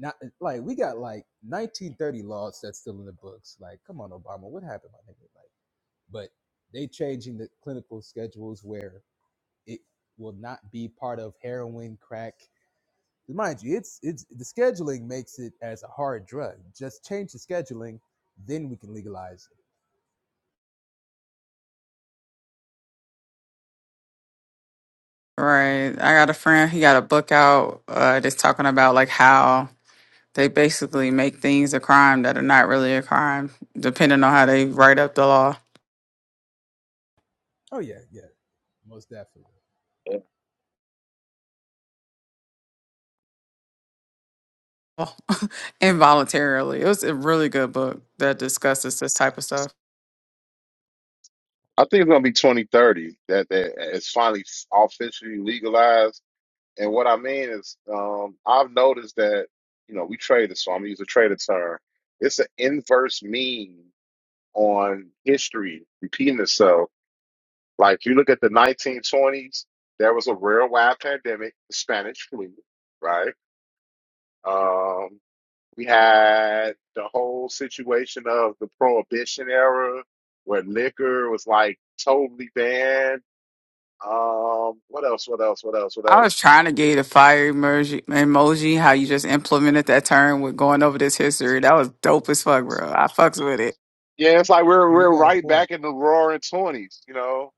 S3: not like we got like 1930 laws that's still in the books. Like, come on, Obama, what happened, my nigga? Like, but they changing the clinical schedules where it will not be part of heroin, crack. Mind you, it's it's the scheduling makes it as a hard drug. Just change the scheduling, then we can legalize
S5: Right. I got a friend. He got a book out. Uh, that's talking about like how They basically make things a crime that are not really a crime, depending on how they write up the law
S3: Oh yeah, yeah, most definitely.
S5: involuntarily. It was a really good book that discusses this type of stuff.
S1: I think it's gonna be 2030 that that it's finally officially legalized. And what I mean is, um, I've noticed that you know we traded, so I'm gonna use a trader term. It's an inverse mean on history repeating itself. Like you look at the 1920s, there was a worldwide pandemic, the Spanish flu, right? Um, we had the whole situation of the Prohibition era, where liquor was like totally banned Um, what else? What else? What else? What
S5: I
S1: else?
S5: was trying to get a fire emoji, emoji, how you just implemented that term with going over this history. That was dope as fuck, bro. I fucks with it.
S1: Yeah, it's like we're
S3: But you
S1: we're
S3: got a
S1: right
S3: point.
S1: back in the roaring twenties. You know,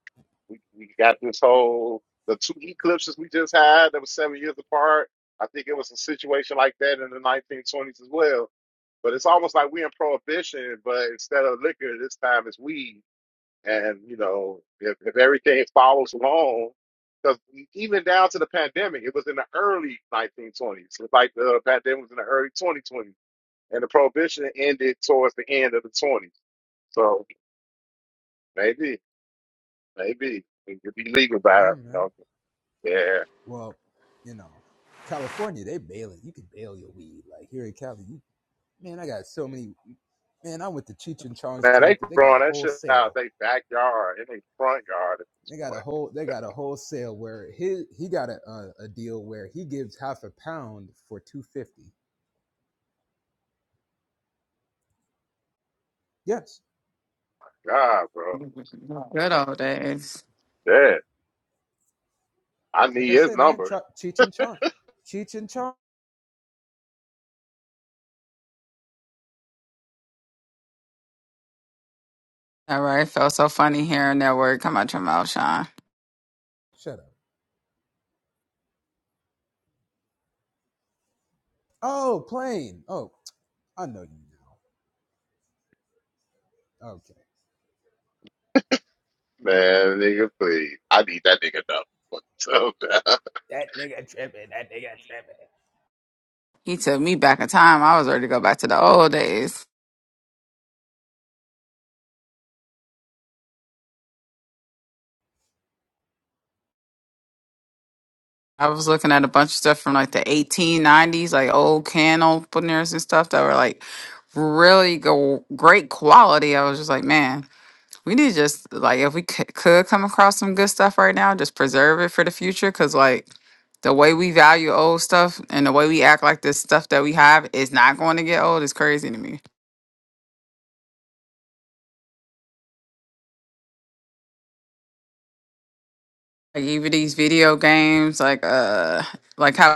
S1: we we got this whole the two eclipses we just had that was seven years apart. I think it was a situation like that in the 1920s as well. But it's almost like we're in prohibition, but instead of liquor, this time it's weed. And you know, if, if everything follows along, because even down to the pandemic, it was in the early 1920s. It like the pandemic was in the early 2020s and the prohibition ended towards the end of the 20s. So maybe, maybe it could be legal by, you
S3: Yeah, man.
S1: know, yeah.
S3: Well, you know, California, they bail it. You can bail your weed. Like here in Cali, you, man, I got so many. Man, I'm with the Cheech and Chong's
S1: Man, they
S3: Collective. They got
S1: growing
S3: a
S1: that
S3: whole
S1: shit out
S3: sale.
S1: they backyard, in their front yard at this
S3: They got a
S1: point.
S3: whole. They got a whole sale where he he got a a, a deal where he gives half a pound for two fifty. Yes,
S1: God, bro.
S5: Good old days.
S1: Yeah. I
S3: like
S1: need
S3: I
S1: his
S3: said, man,
S1: number.
S3: Ch- Cheech and Chong, Cheech and Chong.
S5: All right, felt so funny hearing that word come out your mouth, Sean.
S3: Shut up. Oh, plane. Oh, I know you now. Okay.
S1: Man, nigga, please. I need that nigga number. So, man.
S3: That nigga tripping. That nigga tripping.
S5: He took me back in time. I was ready to go back to the old days. I was looking at a bunch of stuff from like the 1890s, like old can openers and stuff that were like really go great quality. I was just like, man, we need to just like if we could, could come across some good stuff right now, just preserve it for the future because like the way we value old stuff and the way we act like this stuff that we have is not going to get old is crazy to me. Like even these video games, like uh, like how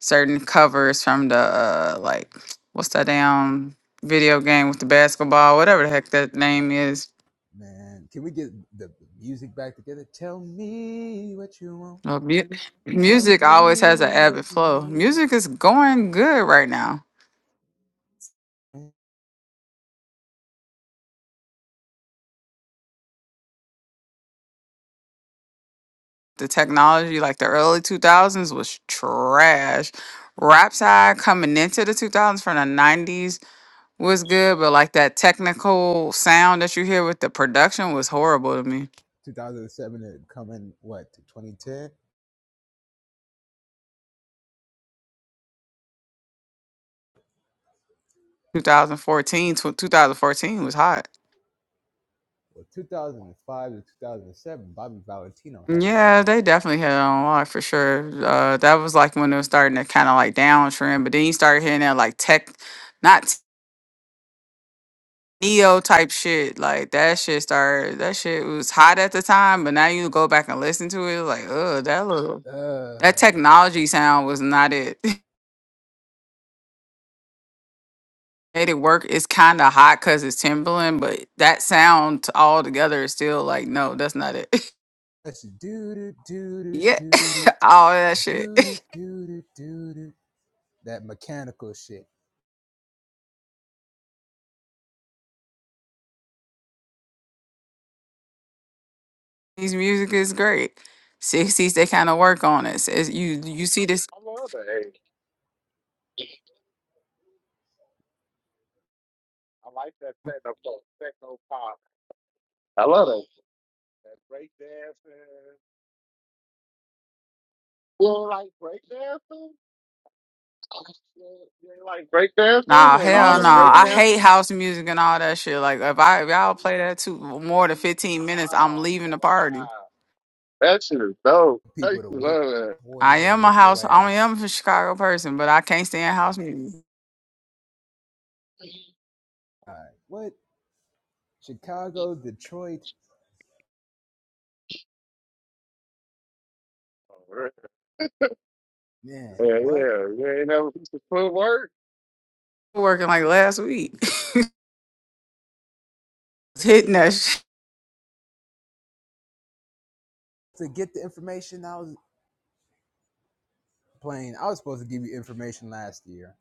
S5: certain covers from the uh, like what's that damn video game with the basketball, whatever the heck that name is.
S3: Man, can we get the music back together? Tell me what you want.
S5: Uh, mu-
S3: Tell
S5: music always has an
S3: me
S5: ebb
S3: what
S5: and
S3: you
S5: flow.
S3: need.
S5: Music is going good right now. The technology, like the early two thousands, was trash. Rap side coming into the two thousands from the nineties was good, but like that technical sound that you hear with the production was horrible to me.
S3: 2007 had come in, what, to 2010?
S5: 2014, tw- 2014 was hot.
S3: Well, 2005 to 2007, Bobby Valentino had it on
S5: Yeah,
S3: lock.
S5: they definitely hit on a lot for sure. Uh, that was like when it was starting to kind of like downtrend, but then you started hitting that like tech, not neo type shit. Like that shit started. That shit was hot at the time, but now you go back and listen to it, like, oh, that little that
S3: Uh,
S5: technology sound was not it. Made it work. It's kind of hot because it's Timberland, but that sound all together is still like, no, that's not it.
S3: let's do do do
S5: yeah,
S3: do
S5: all that
S3: do
S5: shit.
S3: do do do do do do that mechanical shit.
S5: His music is great. Sixties, they kind of work on it. It's, you you see this?
S1: I love that age. I like that techno, pop. techno pop. I love that. That break dancing. You don't like break dancing? They like
S5: Nah,
S1: breakdancing and
S3: Beat
S1: all
S5: hell
S1: the
S5: no. I
S3: it,
S5: hate
S1: breakdancing.
S5: house music and all that shit. Like if I if y'all play that too more than fifteen minutes, I'm
S1: Oh
S5: leaving the party.
S1: wow, that shit is dope. I
S3: people
S1: used
S3: to
S1: to
S3: whoop,
S1: love that.
S3: boy,
S5: I
S3: they'll
S5: am a
S3: whoop your
S5: house. I
S3: ass.
S5: am a Chicago person, but I can't stand house music.
S3: All right, what? Chicago, Detroit.
S1: Oh, really?
S3: Man,
S1: Yeah,
S3: what?
S1: yeah, you ain't never piece of footwork.
S5: Working like last week, hitting that. Shit.
S3: To get the information I was playing, I was supposed to give you information last year.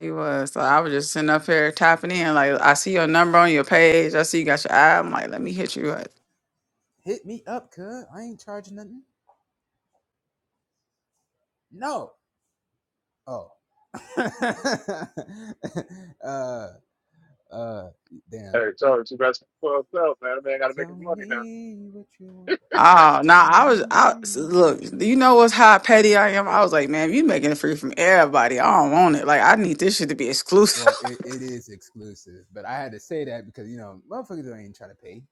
S5: He was. So I was just sitting up here tapping in. Like I see your number on your page. I see you got your ad. I'm like, let me hit you up.
S3: Hit me up, cuz. I ain't charging nothing. No. Oh. uh uh damn.
S1: Hey, Charlie, you got some fucked up, man. That Man, gotta make
S3: Tell
S1: his money now.
S3: me what you want.
S5: Oh no,
S3: Tell
S5: I was I
S3: me what you
S5: look, you
S3: need.
S5: know what's how petty I am? I was like, man, you making it free from everybody. I don't want it. Like I need this shit to be exclusive.
S3: Well, it, it is exclusive, but I had to say that because you know, motherfuckers ain't trying to pay.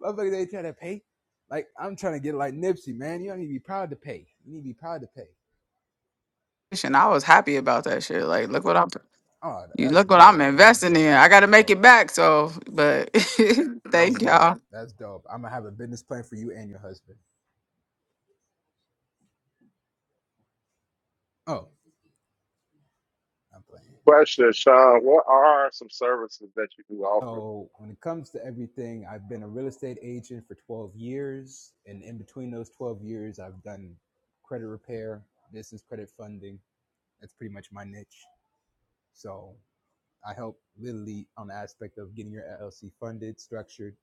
S3: Motherfuckers ain't trying to pay. Like I'm trying to get like Nipsey, man. You don't need to be proud to pay. You need to be proud to pay.
S5: and I was happy about that shit. Like, look what I'm
S3: Oh,
S5: you
S3: that's
S5: look what I'm
S3: dope. That's
S5: investing
S3: dope.
S5: in. I
S3: That's
S5: gotta make
S3: dope.
S5: it back. So but
S3: That's
S5: thank
S3: dope.
S5: y'all.
S3: That's dope. I'm gonna have a business plan for you and your husband. Oh, I'm playing.
S1: Question, Sean, what are some services that you do offer?
S3: So when it comes to everything, I've been a real estate agent for 12 years, and in between those 12 years, I've done credit repair, business credit funding. That's pretty much my niche. So I help literally on the aspect of getting your LLC funded, structured,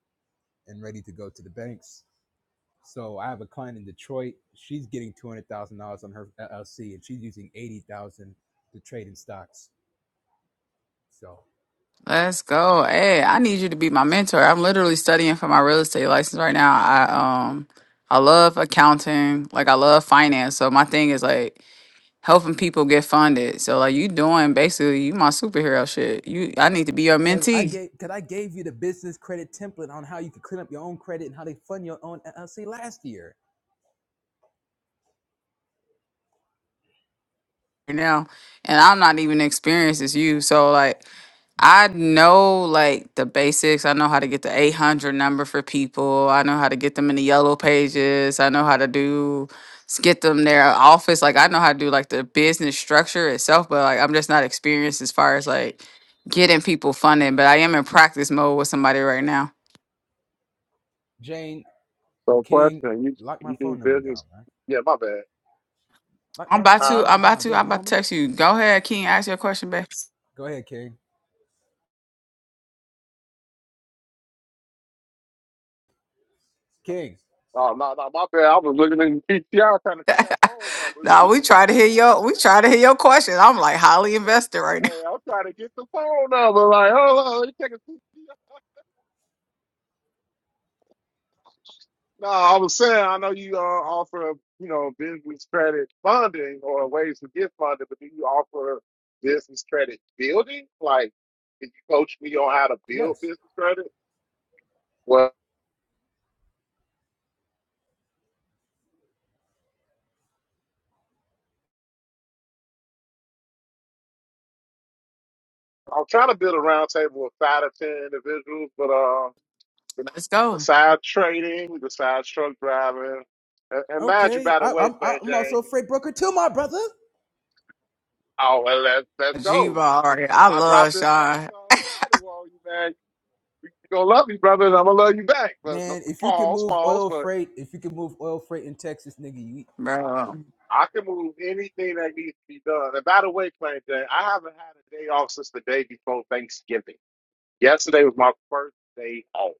S3: and ready to go to the banks So I have a client in Detroit. She's getting two hundred thousand dollars on her LLC, and she's using eighty thousand to trade in stocks. So
S5: Let's go. Hey, I need you to be my mentor. I'm literally studying for my real estate license right now. I um I love accounting, like I love finance. So my thing is like helping people get funded. So like you doing basically you my superhero shit. You I need to be your
S3: because I
S5: mentee
S3: gave because I gave you the business credit template on how you could clean up your own credit and how they fund your own LLC last year.
S5: right now. And I'm not even experienced as you. So like I know like the basics. I know how to get the 800 number for people. I know how to get them in the yellow pages. I know how to do s- get them their office. Like I know how to do like the business structure itself, but like I'm just not experienced as far as like getting people funded. But I am in practice mode with somebody right now.
S3: Jane
S1: So,
S3: King,
S1: question, you
S3: lock my
S1: you
S3: phone
S1: do
S3: number down,
S1: business?
S3: man.
S1: Yeah, my bad.
S3: Lock
S5: I'm
S3: my
S5: about
S3: phone
S1: Huh?
S5: to.
S3: number
S5: I'm about
S3: down,
S5: to.
S3: big
S5: I'm about to
S3: homie.
S5: text you. Go ahead, King. Ask your question, babe.
S3: Go ahead, King. King,
S1: Oh no, no, my bad. I was looking at the PTR trying to see that phone number.
S5: No, we try to hear your. We try to hear your question. I'm like highly invested right now.
S1: Hey, I'm trying to get the phone number. Like, hold on, let me take a seat. No, I was saying, I know you uh, offer, you know, business credit funding or ways to get funded, but do you offer business credit building? Like, can you coach me on how to build
S3: yes.
S1: business credit? Well, I'm trying to build a roundtable of five to ten individuals, but uh, the,
S5: Let's
S1: the
S5: go.
S1: side trading, the side truck driving, and, and mind you,
S3: Okay,
S1: by the
S3: I,
S1: way,
S3: I'm
S1: Plain
S3: I'm also a
S1: Jane,
S3: freight broker too, my brother.
S1: Oh well, let's let's
S5: G
S1: go.
S5: ball.
S1: 'Cause
S5: I
S1: when I drop
S5: love
S1: this next
S5: Sean,
S1: song, title on you, man, you gonna love me, brother, and I'm gonna love you back. But no,
S3: Man, if you can
S1: pause,
S3: move
S1: pause.
S3: oil
S1: But
S3: freight, if you can move oil freight in Texas, nigga, you.
S5: bro.
S1: I can move anything that needs to be done. And by the way, Plain Jane, I haven't had a day off since the day before Thanksgiving. Yesterday was my first day off.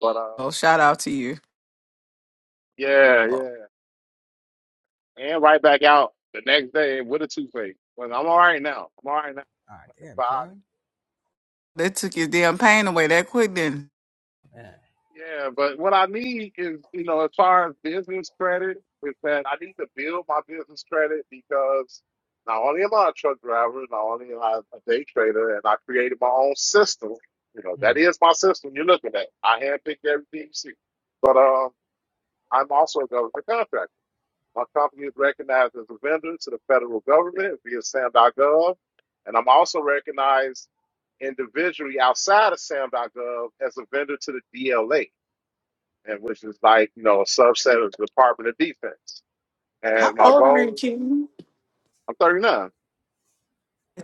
S1: But uh,
S5: Oh, shout out to you.
S1: yeah,
S5: Oh,
S1: yeah, and right back out the next day with a toothache. But I'm all right now. I'm all right
S3: Ah, damn,
S1: now.
S3: girl.
S5: they took your damn pain away that quick. Then
S1: Yeah, but what I need is, you know, as far as business credit, is that I need to build my business credit because not only am I a truck driver, not only am I a day trader, and I created my own system. You know, that is my system you're looking at. I handpicked everything you see. But uh, I'm also a government contractor. My company is recognized as a vendor to the federal government via SAM.gov, and I'm also recognized individually outside of SAM.gov as a vendor to the DLA and which is like you know a subset of the Department of Defense.
S5: how
S1: And my
S5: old are you,
S1: goal,
S5: King?
S1: I'm 39.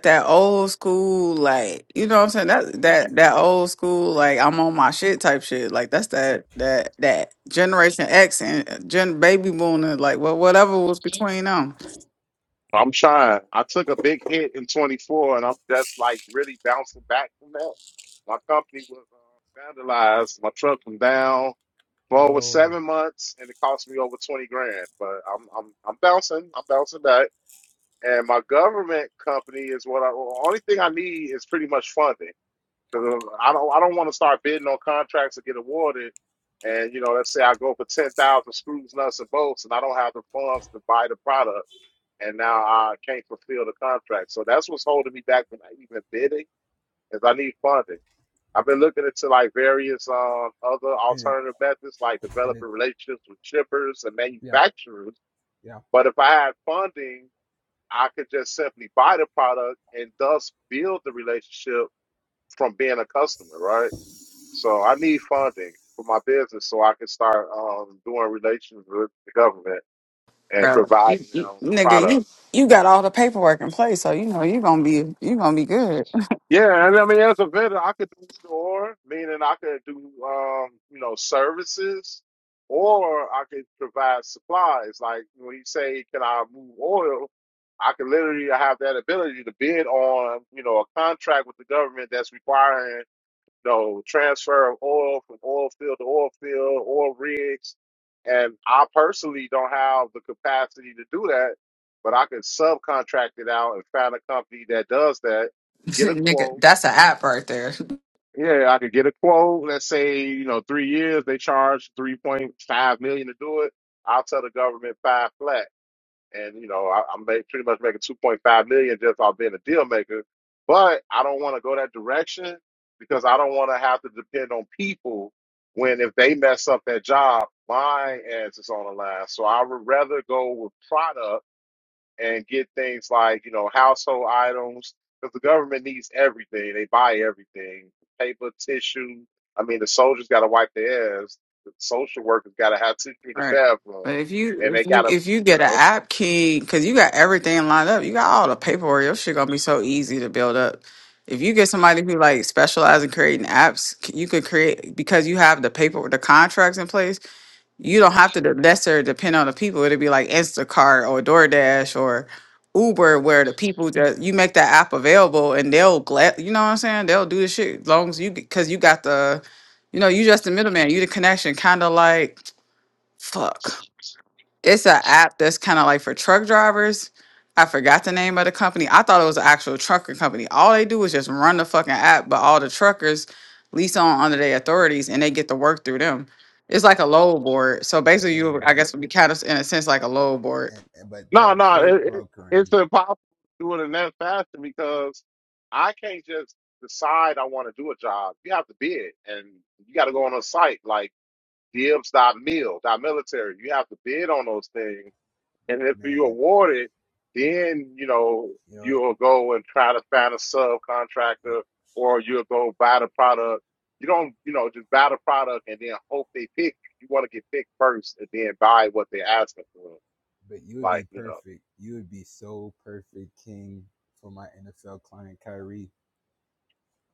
S5: That old school, like you know what I'm saying. That that that old school, like I'm on my shit type shit. Like that's that that that Generation X and Gen Baby Boom and like well whatever was between them.
S1: I'm trying. I took a big hit in 24, and I'm just like really bouncing back from that. My company was uh, vandalized. My truck went down for over
S3: No.
S1: seven months, and it cost me over 20 grand. But I'm I'm I'm bouncing. I'm bouncing back. And my government company is what I. Well, only thing I need is pretty much funding 'Cause I don't I don't want to start bidding on contracts to get awarded. And you know, let's say I go for ten thousand screws, nuts, and bolts, and I don't have the funds to buy the product, and now I can't fulfill the contract. So that's what's holding me back from even bidding, is I need funding. I've been looking into like various um, other
S3: And it,
S1: alternative methods, like
S3: and it,
S1: developing relationships with shippers and
S3: yeah,
S1: manufacturers.
S3: yeah.
S1: But if I had funding, I could just simply buy the product and thus build the relationship from being a customer, right? So I need funding for my business so I can start um, doing relations with the government and
S5: bro. You,
S1: providing
S5: you,
S1: them
S5: nigga,
S1: product.
S5: you you got all the paperwork in place, so you know you're gonna be you gonna be good,
S1: Yeah, and I mean as a vendor, I could do either or, meaning I could do um, you know services, or I could provide supplies. Like when you say, "Can I move oil?" I could literally have that ability to bid on you know a contract with the government that's requiring no transfer of oil from oil field to oil field, oil rigs. And I personally don't have the capacity to do that, but I can subcontract it out and find a company that does that, get a
S5: nigga.
S1: quote.
S5: That's an app right there,
S1: Yeah, I could get a quote. Let's say, you know, three years, they charge 3.5 million to do it. I'll tell the government five flat and you know I, I'm ma- pretty much making 2.5 million just off being a deal maker. But I don't want to go that direction because I don't want to have to depend on people when if they mess up their job, my ass is on the line. So I would rather go with product and get things like you know household items because the government needs everything. They buy everything: paper, tissue. I mean, the soldiers got to wipe their ass. The social workers got to have tissue in the
S5: right?
S1: bathroom,
S5: But if you
S1: and they
S5: if
S1: got
S5: you
S1: to
S5: if you
S1: you
S5: get an
S1: know
S5: app key, because you got everything lined up, you got all the paperwork. Your shit gonna be so easy to build up. If you get somebody who like specializes in creating apps, c- you could create because you have the paper, the contracts in place you don't have to de- necessarily depend on the people. It'd be like Instacart or DoorDash or Uber, where the people just you make that app available and they'll glad you know what I'm saying. They'll do the shit as long as you because you got the, you know, you just the middleman, you the connection, kind of like fuck. It's an app that's kind of like for truck drivers. I forgot the name of the company. I thought it was an actual trucker company. All they do is just run the fucking app, but all the truckers lease on under their authorities and they get to work through them. It's like a load board. So basically, you
S3: And
S5: I
S3: yep.
S5: guess would be kind of in a sense like a load board.
S3: And, and but
S1: No,
S3: they're
S1: no,
S3: freight
S1: it, it, it's
S3: brokering,
S1: impossible to do it in that fashion because I can't just decide I want to do a job. You have to bid, and you got to go on a site like Dibs dot mil dot military. You have to bid on those things, and if you
S3: man.
S1: award it, then you know
S3: You know it.
S1: you'll go and try to find a
S3: y-
S1: subcontractor, or you'll go buy the product. You don't, you know, just buy the product and then hope they pick you. You want to get picked first, and then buy what they're asking for,
S3: But you would
S1: like
S3: be
S1: you know.
S3: perfect. You would be so perfect, King, for my NFL client, Kyrie.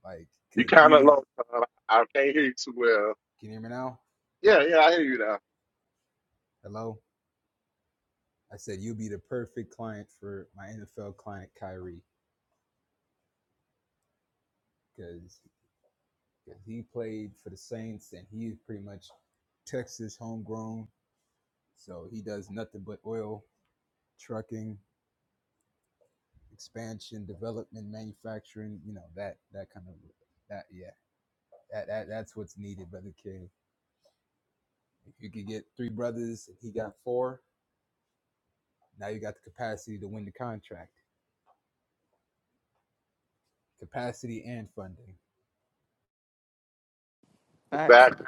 S3: Like,
S1: You
S3: cause
S1: kind of
S3: he's.
S1: low. Tom. I can't hear you too well.
S3: Can you hear me now?
S1: Yeah, yeah, I hear you now.
S3: Hello. I said you'll be the perfect client for my NFL client Kyrie because he played for the Saints and he is pretty much Texas homegrown, so he does nothing but oil trucking, expansion, development, manufacturing. You know that that kind of that yeah that, that that's what's needed, brother King. If you could get three brothers, and he got four. Now you got the capacity to win the contract, capacity and funding.
S5: Facts.
S1: Exactly.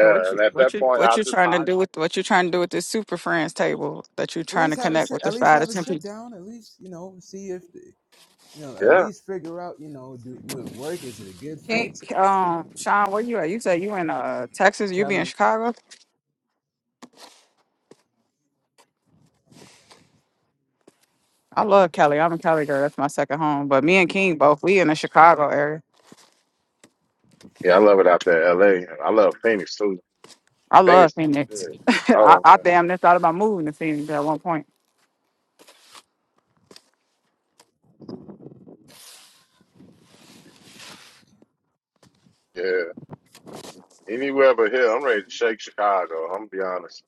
S5: So what you
S1: and at
S5: what
S1: that
S5: you
S1: point,
S5: what
S1: I'll
S5: you
S1: just
S5: trying to
S1: hire.
S5: do with what you trying to do with this super friends table that you
S3: At
S5: trying to
S3: least have a
S5: connect
S3: sit.
S5: with the
S3: At least
S5: five to
S3: have a
S5: ten
S3: sit
S5: people?
S3: down. At least you know see if the, you know, at
S1: Yeah,
S3: least figure out, you know, do do it work? Is it a good
S5: Can,
S3: fit?
S5: um, Sean, where you at? You say you in uh Texas? You be in
S3: Kelly,
S5: Chicago? I love Cali. I'm a Cali girl. That's my second home. But me and King both we in the Chicago area.
S1: yeah, I love it out there, in L.A. I love Phoenix too.
S5: I
S1: Phoenix.
S5: love Phoenix.
S1: Yeah.
S5: I,
S1: Oh
S5: I
S1: man.
S5: damn near thought about moving to Phoenix at one point.
S1: Yeah. Anywhere but here, I'm ready to shake Chicago. I'm gonna be honest.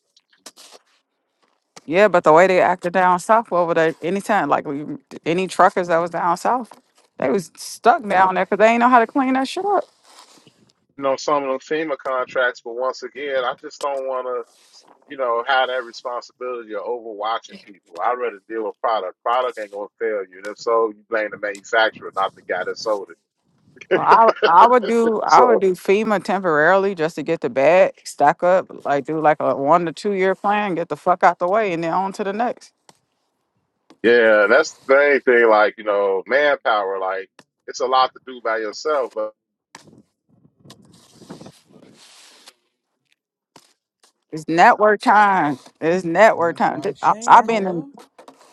S5: Yeah, but the way they acted down south over there, anytime like we, any truckers that was down south, they was stuck down there because they ain't know how to clean that shit up.
S1: You know, some of them FEMA contracts, but once again, I just don't want to, you know, have that responsibility of overwatching people. I'd rather deal with product. Product ain't gonna fail you, and if so, you blame the manufacturer, not the guy that sold it.
S5: Well, I would- I would do I
S1: So.
S5: would do FEMA temporarily just to get the bag stack up, like do like a one to two year plan, get the fuck out the way, and then on to the next.
S1: Yeah, and that's the main thing. Like you know, manpower. Like it's a lot to do by yourself. But
S5: It's network time. It's network
S3: that's
S5: time.
S3: why I'm Shane
S5: I've been in
S3: Cub.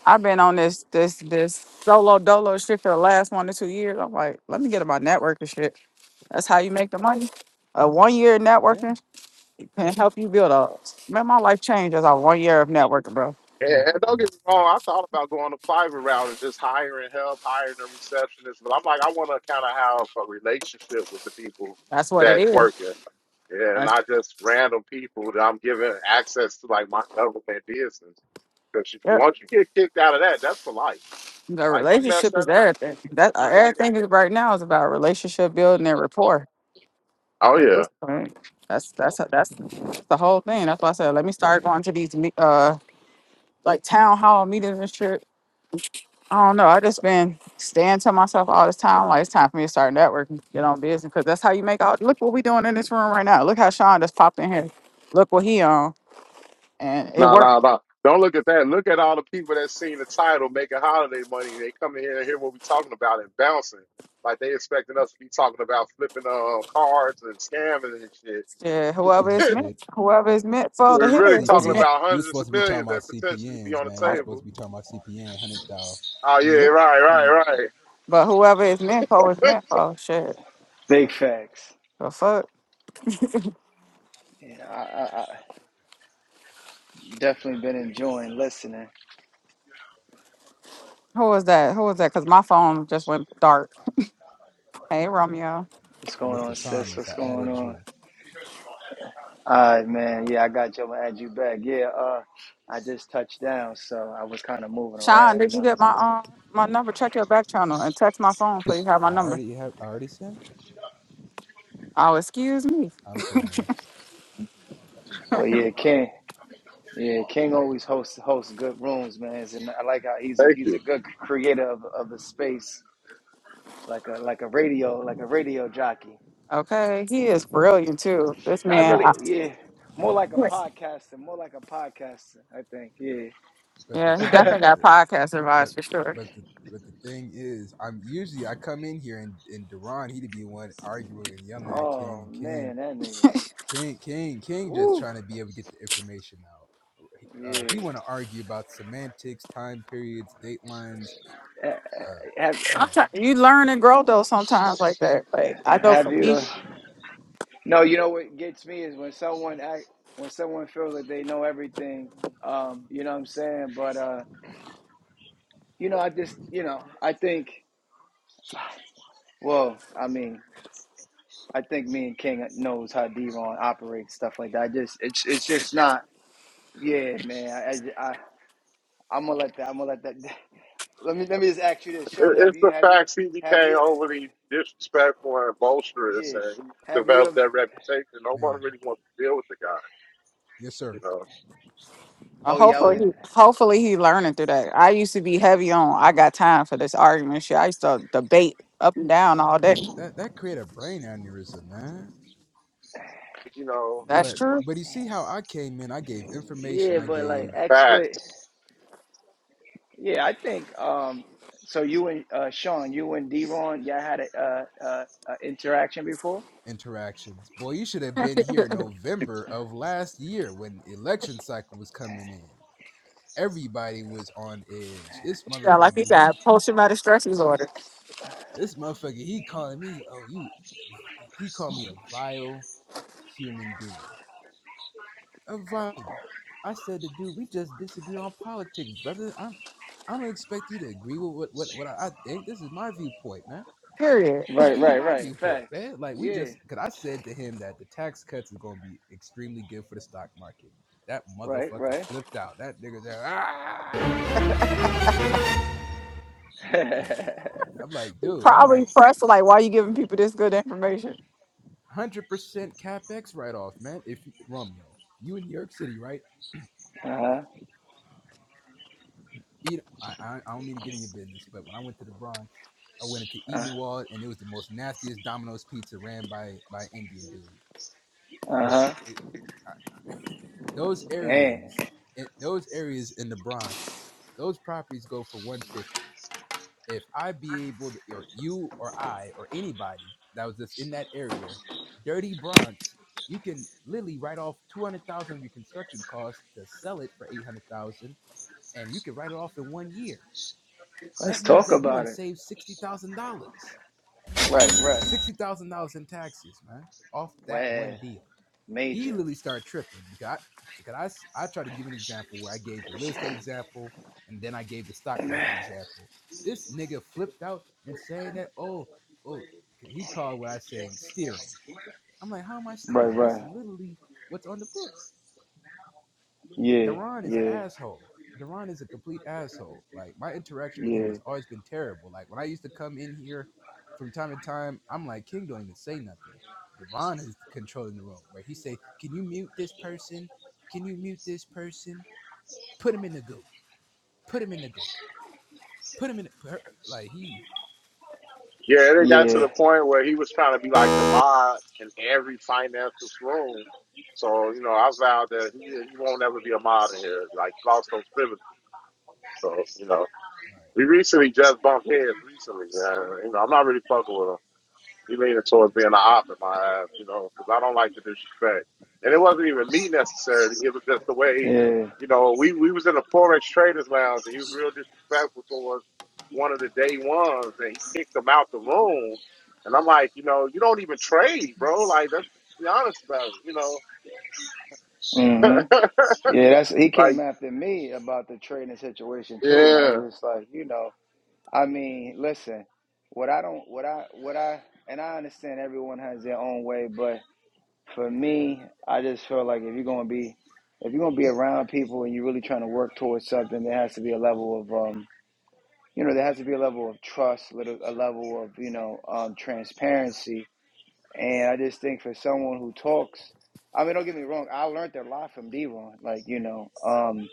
S5: I've been on this this this solo dolo shit for the last one to two years. I'm like, let me get in my networking shit. That's how you make the money. A one year of
S3: Yeah.
S5: networking can help you build a man. My life changed as a one year of networking, bro.
S1: and,
S3: mm
S1: and don't
S3: mm
S1: get me
S3: mm.
S1: wrong, I thought about going the private route and just hiring help, hiring a receptionist. But I'm like, I want to kind of have a relationship with the people
S5: That's what it
S1: that
S5: is.
S1: work with, yeah, and
S5: That's,
S1: not just random people that I'm giving access to, like my government business. Because
S5: yep.
S1: once you get kicked out of that, that's for life.
S5: The
S1: Like if you mess
S5: relationship
S1: that
S5: is
S1: up,
S5: everything.
S1: and I
S5: That uh,
S1: get back in the
S5: everything is
S1: government.
S5: right now is about relationship building and rapport.
S1: Oh
S5: At
S1: yeah.
S5: this point, that's that's that's the whole thing. That's why I said let me start going to these me- uh like town hall meetings and shit I don't know. I just been staying to myself all this time. Like it's time for me to start networking, get on business, because that's how you make all. Look what we doing in this room right now. Look how Sean just popped in here. Look what he on, and it
S1: No,
S5: works.
S1: no, no. Don't look at that. Look at all the people that seen the title making holiday money. They come in here and hear what we are talking about and bouncing. Like they expecting us to be talking about flipping uh, cards and scamming and shit.
S5: Yeah, whoever
S3: And
S5: is meant,
S3: shit.
S5: whoever is meant for the
S1: We're really
S5: hitter is
S1: talking
S3: CPN.
S5: meant,
S1: about
S3: You
S1: hundreds
S3: supposed
S1: of
S3: to be talking
S1: millions
S3: about
S1: that potentially be
S3: CPNs,
S1: on
S3: man.
S1: the
S3: You
S5: right?
S3: supposed to
S1: table.
S3: be talking about CPN hundred thou.
S1: Oh yeah,
S3: Yep.
S1: right, right, right.
S5: But whoever is meant for is meant for. Shit,
S4: Big facts.
S5: the fuck.
S4: Yeah, I, I, I definitely been enjoying listening.
S5: Who was that? Who was that? Cause my phone just went dark. Hey Romeo,
S4: What's going on,
S3: Mr.
S4: sis?
S3: Thomas,
S4: What's
S3: I
S4: going
S3: added
S4: on?
S3: you.
S4: All right, man. Yeah, I got you. I'm gonna add you back. Yeah, uh, I just touched down, so I was kind of moving
S5: Sean,
S4: around, you
S5: did you
S4: know.
S5: get my um my number? Check your back channel and text my phone so you have
S3: I
S5: my number.
S3: already have I already sent it.
S5: Oh, excuse me.
S3: I'm playing.
S4: But yeah, King. Yeah, King always hosts hosts good rooms, man. And I like how he's a
S1: Thank
S4: he's
S1: you.
S4: a good creator of of a space, like a like a radio like a radio jockey.
S5: Okay, he is brilliant too. This
S4: Not
S5: man,
S4: really. Yeah, more like a
S5: I-
S4: podcaster. More like a podcaster, I think.
S3: But the
S5: yeah, he
S3: problem
S5: definitely
S4: Yeah.
S5: got podcast
S3: but
S5: advice for sure.
S3: but the but the thing is, I'm usually I come in here and, and Duran, he'd be one arguing and yelling at
S4: Oh
S3: King and King
S4: man, that nigga.
S3: King, King, King, just
S4: Woo.
S3: trying to be able to get the information out.
S4: Yeah.
S3: Uh, he want to argue about semantics, time periods, date lines.
S4: Ha-
S3: Uh,
S4: Have,
S3: oh
S5: i
S3: my god,
S5: you learn and grow though sometimes like that. Like I know
S4: have
S5: for
S4: you?
S5: me,
S4: uh, No, you know what gets me is when someone act, when someone feels like they know everything. Um, you know what I'm saying? But uh, you know, I just, you know, I think. Well, I mean, I think me and King knows how Devon operates stuff like that. I just, it's, it's just not. Yeah, man. I, I, I I'm gonna let that. I'm gonna let that. Let me, let me just ask you this, Sean.
S1: It-
S4: Have
S1: It's
S4: you,
S1: the
S4: have you,
S1: facts he
S4: have
S1: became
S4: you?
S1: overly disrespectful and boisterous,
S4: Yeah.
S1: and he
S4: Have you
S1: developed
S4: ever?
S1: that reputation. No
S3: man.
S1: one really wants to deal with the guy.
S3: Yes,
S1: You
S3: sir.
S1: know,
S5: uh,
S4: Oh
S3: Yes,
S4: yeah, I was.
S5: hopefully,
S3: sir.
S4: Gonna,
S5: he, hopefully he learning through that. I used to be heavy on. I got time for this argument shit. I used to debate up and down all day.
S3: But that that create a brain aneurysm, man.
S1: you know,
S5: That's
S3: But
S5: true.
S3: but you see how I came in. I gave information.
S4: Yeah,
S3: I
S4: but like
S3: gave
S1: facts.
S4: experts. Yeah, I think. Um, so you and uh, Sean, you and D-Ron, y'all had a, uh uh uh interaction before.
S3: interactions. Boy, you should have been here November of last year when election cycle was coming in. Everybody was on edge. This
S5: Yeah,
S3: motherfucker,
S5: like he said,
S3: he.
S5: post traumatic stress disorder.
S3: This motherfucker, he calling me, oh, you, he called me a vile human being. A vile. I said to dude, we just disagree on politics, brother. I'm, I don't expect you to agree with what, what, what I think. This is my viewpoint, man.
S5: Period.
S4: Right,
S3: This is
S4: right,
S3: my
S4: right.
S3: viewpoint,
S4: Facts.
S3: man. Like, we
S4: Yeah.
S3: just, because I said to him that the tax cuts is going to be extremely good for the stock market. That
S4: Right,
S3: motherfucker
S4: right.
S3: flipped out. That nigga said, ah! That nigga, I'm like, dude, I'm like,
S5: Probably pressed like why you giving people this good information.
S3: hundred percent capex write off, man. If you- Romeo, you in New York City, right?
S4: uh huh.
S3: Eat. I, I I don't mean to get in your business, but when I went to the Bronx, I went into
S4: Uh
S3: Edenwald, and it was the most nastiest Domino's pizza ran by by Indian dude. Boy,
S4: huh.
S3: it, I, those
S4: Damn.
S3: areas, it, those areas in the Bronx, those properties go for one fifty. if I be able to, or you or I or anybody that was just in that area, dirty Bronx, you can literally write off two hundred thousand dollars of your construction costs to sell it for eight hundred thousand, dollars, and you can write it off in one year.
S4: Let's
S3: That means
S4: talk
S3: that you done
S4: about it.
S3: saved sixty thousand dollars
S4: Right, right.
S3: sixty thousand dollars in taxes, man, off that
S4: Wow.
S3: one deal. He
S4: Major.
S3: literally started tripping because I, because I s- I tried to give an example where I gave the real estate example and then I gave the stock market
S4: Right,
S3: example. This nigga flipped out and saying that oh oh he called what I was saying steering. I'm like, how am I steering? This
S4: right.
S3: is literally what's on the books.
S4: Yeah,
S3: Daron is an
S4: yeah,
S3: asshole. Daron is a complete asshole. Like my interaction with him
S4: yeah,
S3: has always been terrible. Like when I used to come in here from time to time, I'm like, King don't even say nothing. Daron is controlling the room where he say, Can you mute this person? Can you mute this person? Put him in the goo. Put him in the goo. Put him in the, like he
S1: Yeah, they got to
S4: yeah,
S1: the point where he was trying to be like the mod in every financials room. So, you know, I vowed that he he won't ever be a mod in here. Like lost those privileges. So, you know,
S3: like
S1: we recently just bumped heads recently. Uh, you know, I'm not really fucking with him. He leaning towards being an op in my eyes, you know, because I don't like the disrespect. And it wasn't even me necessarily. It was just the way,
S4: yeah.
S1: you know, we we was in the Forex Traders Lounge, and he was real disrespectful towards one of the day ones, and he kicked him out the room. And I'm like, you know, you don't even trade, bro. Like, let's be honest about it, you know.
S4: Mhm. Yeah, that's he came
S1: like,
S4: after me about the trading situation too, and I
S1: yeah,
S4: was just like, you know, I mean, listen, what I don't, what I, what I, and I understand everyone has their own way, but for me, I just feel like if you're gonna be, if you're gonna be around people and you're really trying to work towards something, there has to be a level of, um, you know, there has to be a level of trust, little- a level of, you know, um, transparency, and I just think for someone who talks. I mean, don't get me wrong. I learned a lot from Devon. Like, you know, um.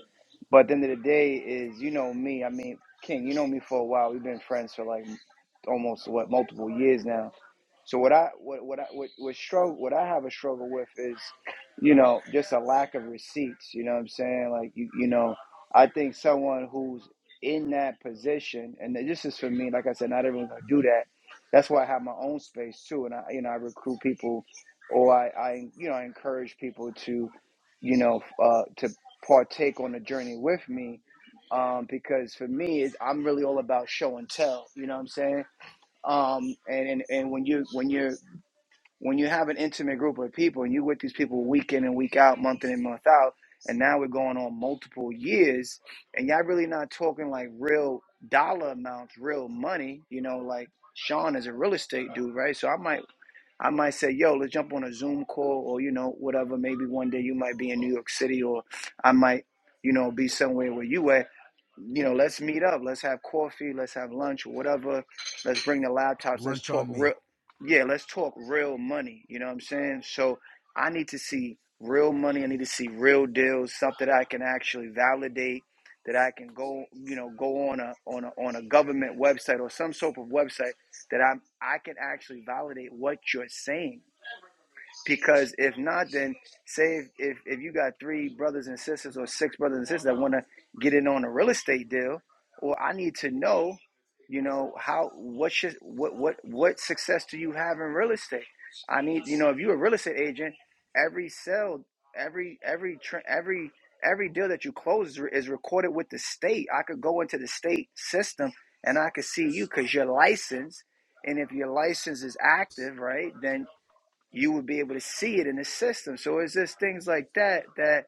S4: But at the end of the day, is you know me. I mean, King, you know me for a while. We've been friends for like almost what multiple years now. So what I what what I what, what struggle what I have a struggle with is, you know, just a lack of receipts. You know what I'm saying? Like you you know, I think someone who's in that position, and this is for me. Like I said, not everyone's gonna do that. That's why I have my own space too, and I you know I recruit people, or I I you know I encourage people to, you know, uh, to partake on the journey with me, um, because for me, it's, I'm really all about show and tell. You know what I'm saying? um, and, and and when you when you when you have an intimate group of people and you with these people week in and week out, month in and month out, and now we're going on multiple years, and y'all really not talking like real dollar amounts, real money. You know, like Sean is a real estate dude, right? So I might I might say, yo, let's jump on a Zoom call or, you know, whatever. Maybe one day you might be in New York City or I might, you know, be somewhere where you at. You know, let's meet up. Let's have coffee. Let's have lunch or whatever. Let's bring the laptops. Let's
S3: lunch
S4: talk
S3: on
S4: real.
S3: me.
S4: Yeah, let's talk real money. You know what I'm saying? So I need to see real money. I need to see real deals, something that I can actually validate that I can go, you know, go on a on a on a government website or some sort of website that I'm I can actually validate what you're saying. Because if not, then say if, if, if you got three brothers and sisters or six brothers and sisters that want to get in on a real estate deal, well, I need to know, you know, how what should what what what success do you have in real estate? I need you know if you're a real estate agent, every sale, every every every every deal that you close is recorded with the state. I could go into the state system and I could see you because you're licensed and if your license is active, right, then you would be able to see it in the system. So it's just things like that that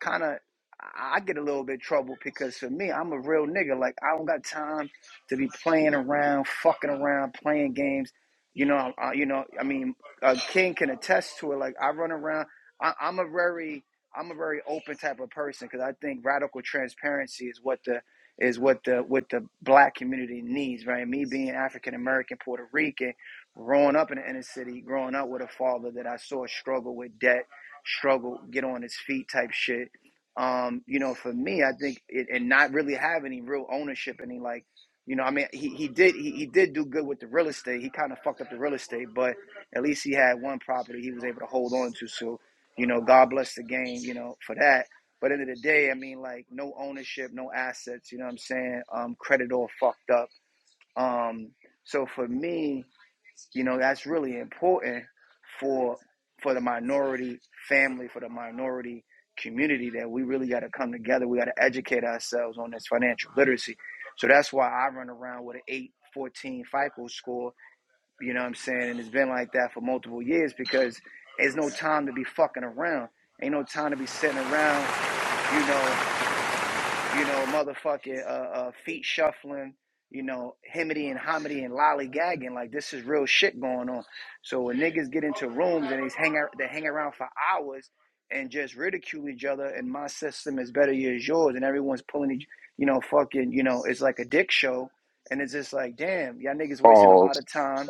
S4: kind of I get a little bit troubled because for me, I'm a real nigga. Like I don't got time to be playing around, fucking around, playing games. You know, I, you know. I mean, uh, King can attest to it. Like I run around. I, I'm a very, I'm a very open type of person because I think radical transparency is what the is what the what the black community needs. Right? Me being African American, Puerto Rican, growing up in the inner city, growing up with a father that I saw struggle with debt struggle, get on his feet type shit. Um, you know, for me, I think it, and not really have any real ownership, any like, you know, I mean, he, he did he, he did do good with the real estate. He kind of fucked up the real estate, but at least he had one property he was able to hold on to. So, you know, God bless the game, you know, for that. But at the end of the day, I mean, like no ownership, no assets. You know what I'm saying? Um, credit all fucked up. Um, so for me, you know, that's really important for for the minority family, for the minority community that we really got to come together. We got to educate ourselves on this financial literacy. So that's why I run around with an 814 FICO score, you know what I'm saying? And it's been like that for multiple years because there's no time to be fucking around. Ain't no time to be sitting around, you know, you know, motherfucking uh, uh, feet shuffling, you know, himity and homity and lollygagging. Like this is real shit going on. So when niggas get into rooms and they hang out, they hang around for hours and just ridicule each other. And my system is better as yours, and everyone's pulling each, you know, fucking, you know, it's like a dick show. And it's just like, damn, y'all niggas wasting a lot
S1: balls.
S4: of time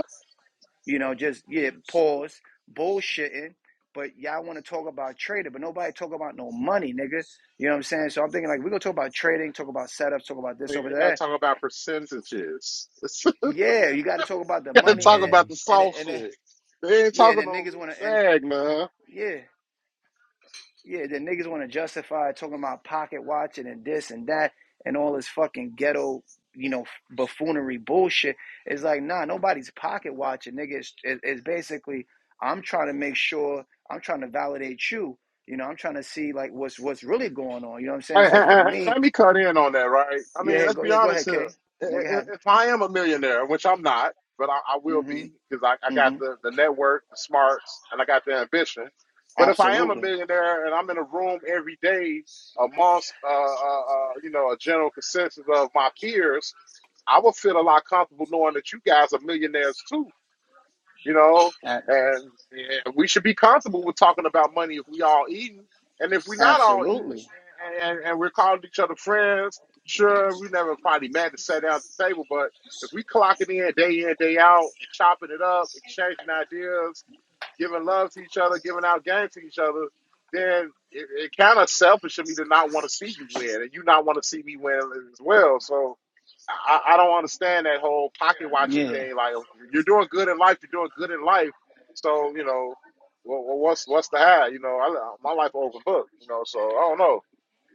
S4: you know, just yeah, pause, bullshitting. But y'all want to talk about trading, but nobody talk about no money, nigga. You know what I'm saying? So I'm thinking like we gonna talk about trading, talk about setups, talk about this
S1: They
S4: over
S1: got to
S4: there.
S1: talk about percentages. they
S4: Yeah, you got to talk about the
S1: got to
S4: money and
S1: talk
S4: it,
S1: about
S3: Man.
S1: the
S4: and
S1: soft
S4: and
S1: shit. They ain't
S4: yeah, and
S1: talking
S4: then
S1: no
S4: niggas want
S1: real
S4: to and
S1: bag, man.
S4: yeah. Yeah, the niggas want to justify talking about pocket watching and this and that and all this fucking ghetto, you know, buffoonery bullshit. It's like, nah, nobody's pocket watching, nigga. It's, it's basically, I'm trying to make sure, I'm trying to validate you. You know, I'm trying to see like what's what's really going on. You know what I'm saying?
S1: Hey, hey,
S4: So for
S1: hey, hey,
S4: me,
S1: let me cut in on that, right? I mean,
S4: yeah,
S1: let's
S4: go
S1: be
S4: yeah, go
S1: honest
S4: ahead, Kay.
S1: here. I-
S4: Make it happen.
S1: I- If I am a millionaire, which I'm not, but I, I will be
S4: Mm-hmm.
S1: because I, I
S4: Mm-hmm.
S1: got the, the network, the smarts, and I got the ambition. But if I am a
S4: Absolutely.
S1: millionaire and I'm in a room every day amongst, uh, uh, uh, you know, a general consensus of my peers, I would feel a lot comfortable knowing that you guys are millionaires too you know, and yeah, we should be comfortable with talking about money if we all eating. And if we're not all eating
S4: absolutely.
S1: and, and, and we're calling each other friends, sure, we never probably mad to sit down at the table, but if we clocking in day in, day out and chopping it up, exchanging ideas, giving love to each other, giving out games to each other, then it, it kind of selfish of me to not want to see you win and you not want to see me win as well. So I, I don't understand that whole pocket watching
S4: Yeah.
S1: thing. Like you're doing good in life, you're doing good in life. So you know, well, well, what's what's the high? You know, I, my life open book. You know, so I don't know.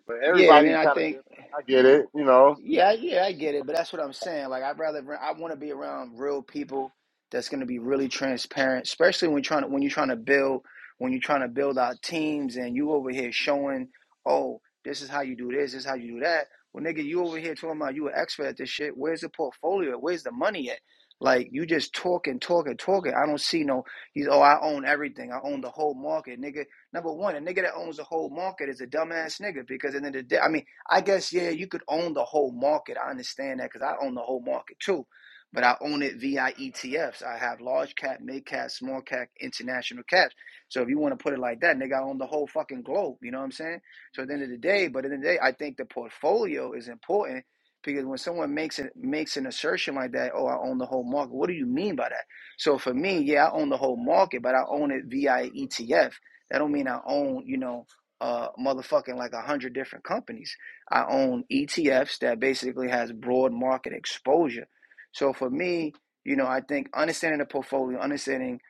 S1: But
S4: Yeah, and then
S1: everybody
S4: I
S1: kind of
S4: think
S1: different. I get it. You know,
S4: Yeah, yeah, I get it, but that's what I'm saying. Like, I'd rather I want to be around real people that's going to be really transparent, especially when trying to when you're trying to build when you're trying to build out teams and you over here showing, oh, this is how you do this, this is how you do that. Well, nigga, you over here talking about you an expert at this shit. Where's the portfolio? Where's the money at? Like, you just talking, talking, talking. I don't see no. He's oh, I own everything. I own the whole market, nigga. Number one, a nigga that owns the whole market is a dumbass nigga because at the end of the day, I mean. I guess yeah, you could own the whole market. I understand that because I own the whole market too, but I own it via ETFs. I have large cap, mid cap, small cap, international caps. So if you want to put it like that, nigga, I own the whole fucking globe. You know what I'm saying? So at the end of the day, but at the end of the day, I think the portfolio is important because when someone makes it makes an assertion like that, oh, I own the whole market. What do you mean by that? So for me, yeah, I own the whole market, but I own it via ETF. That don't mean I own, you know, uh, motherfucking like a hundred different companies. I own ETFs that basically has broad market exposure. So for me, you know, I think understanding the portfolio, understanding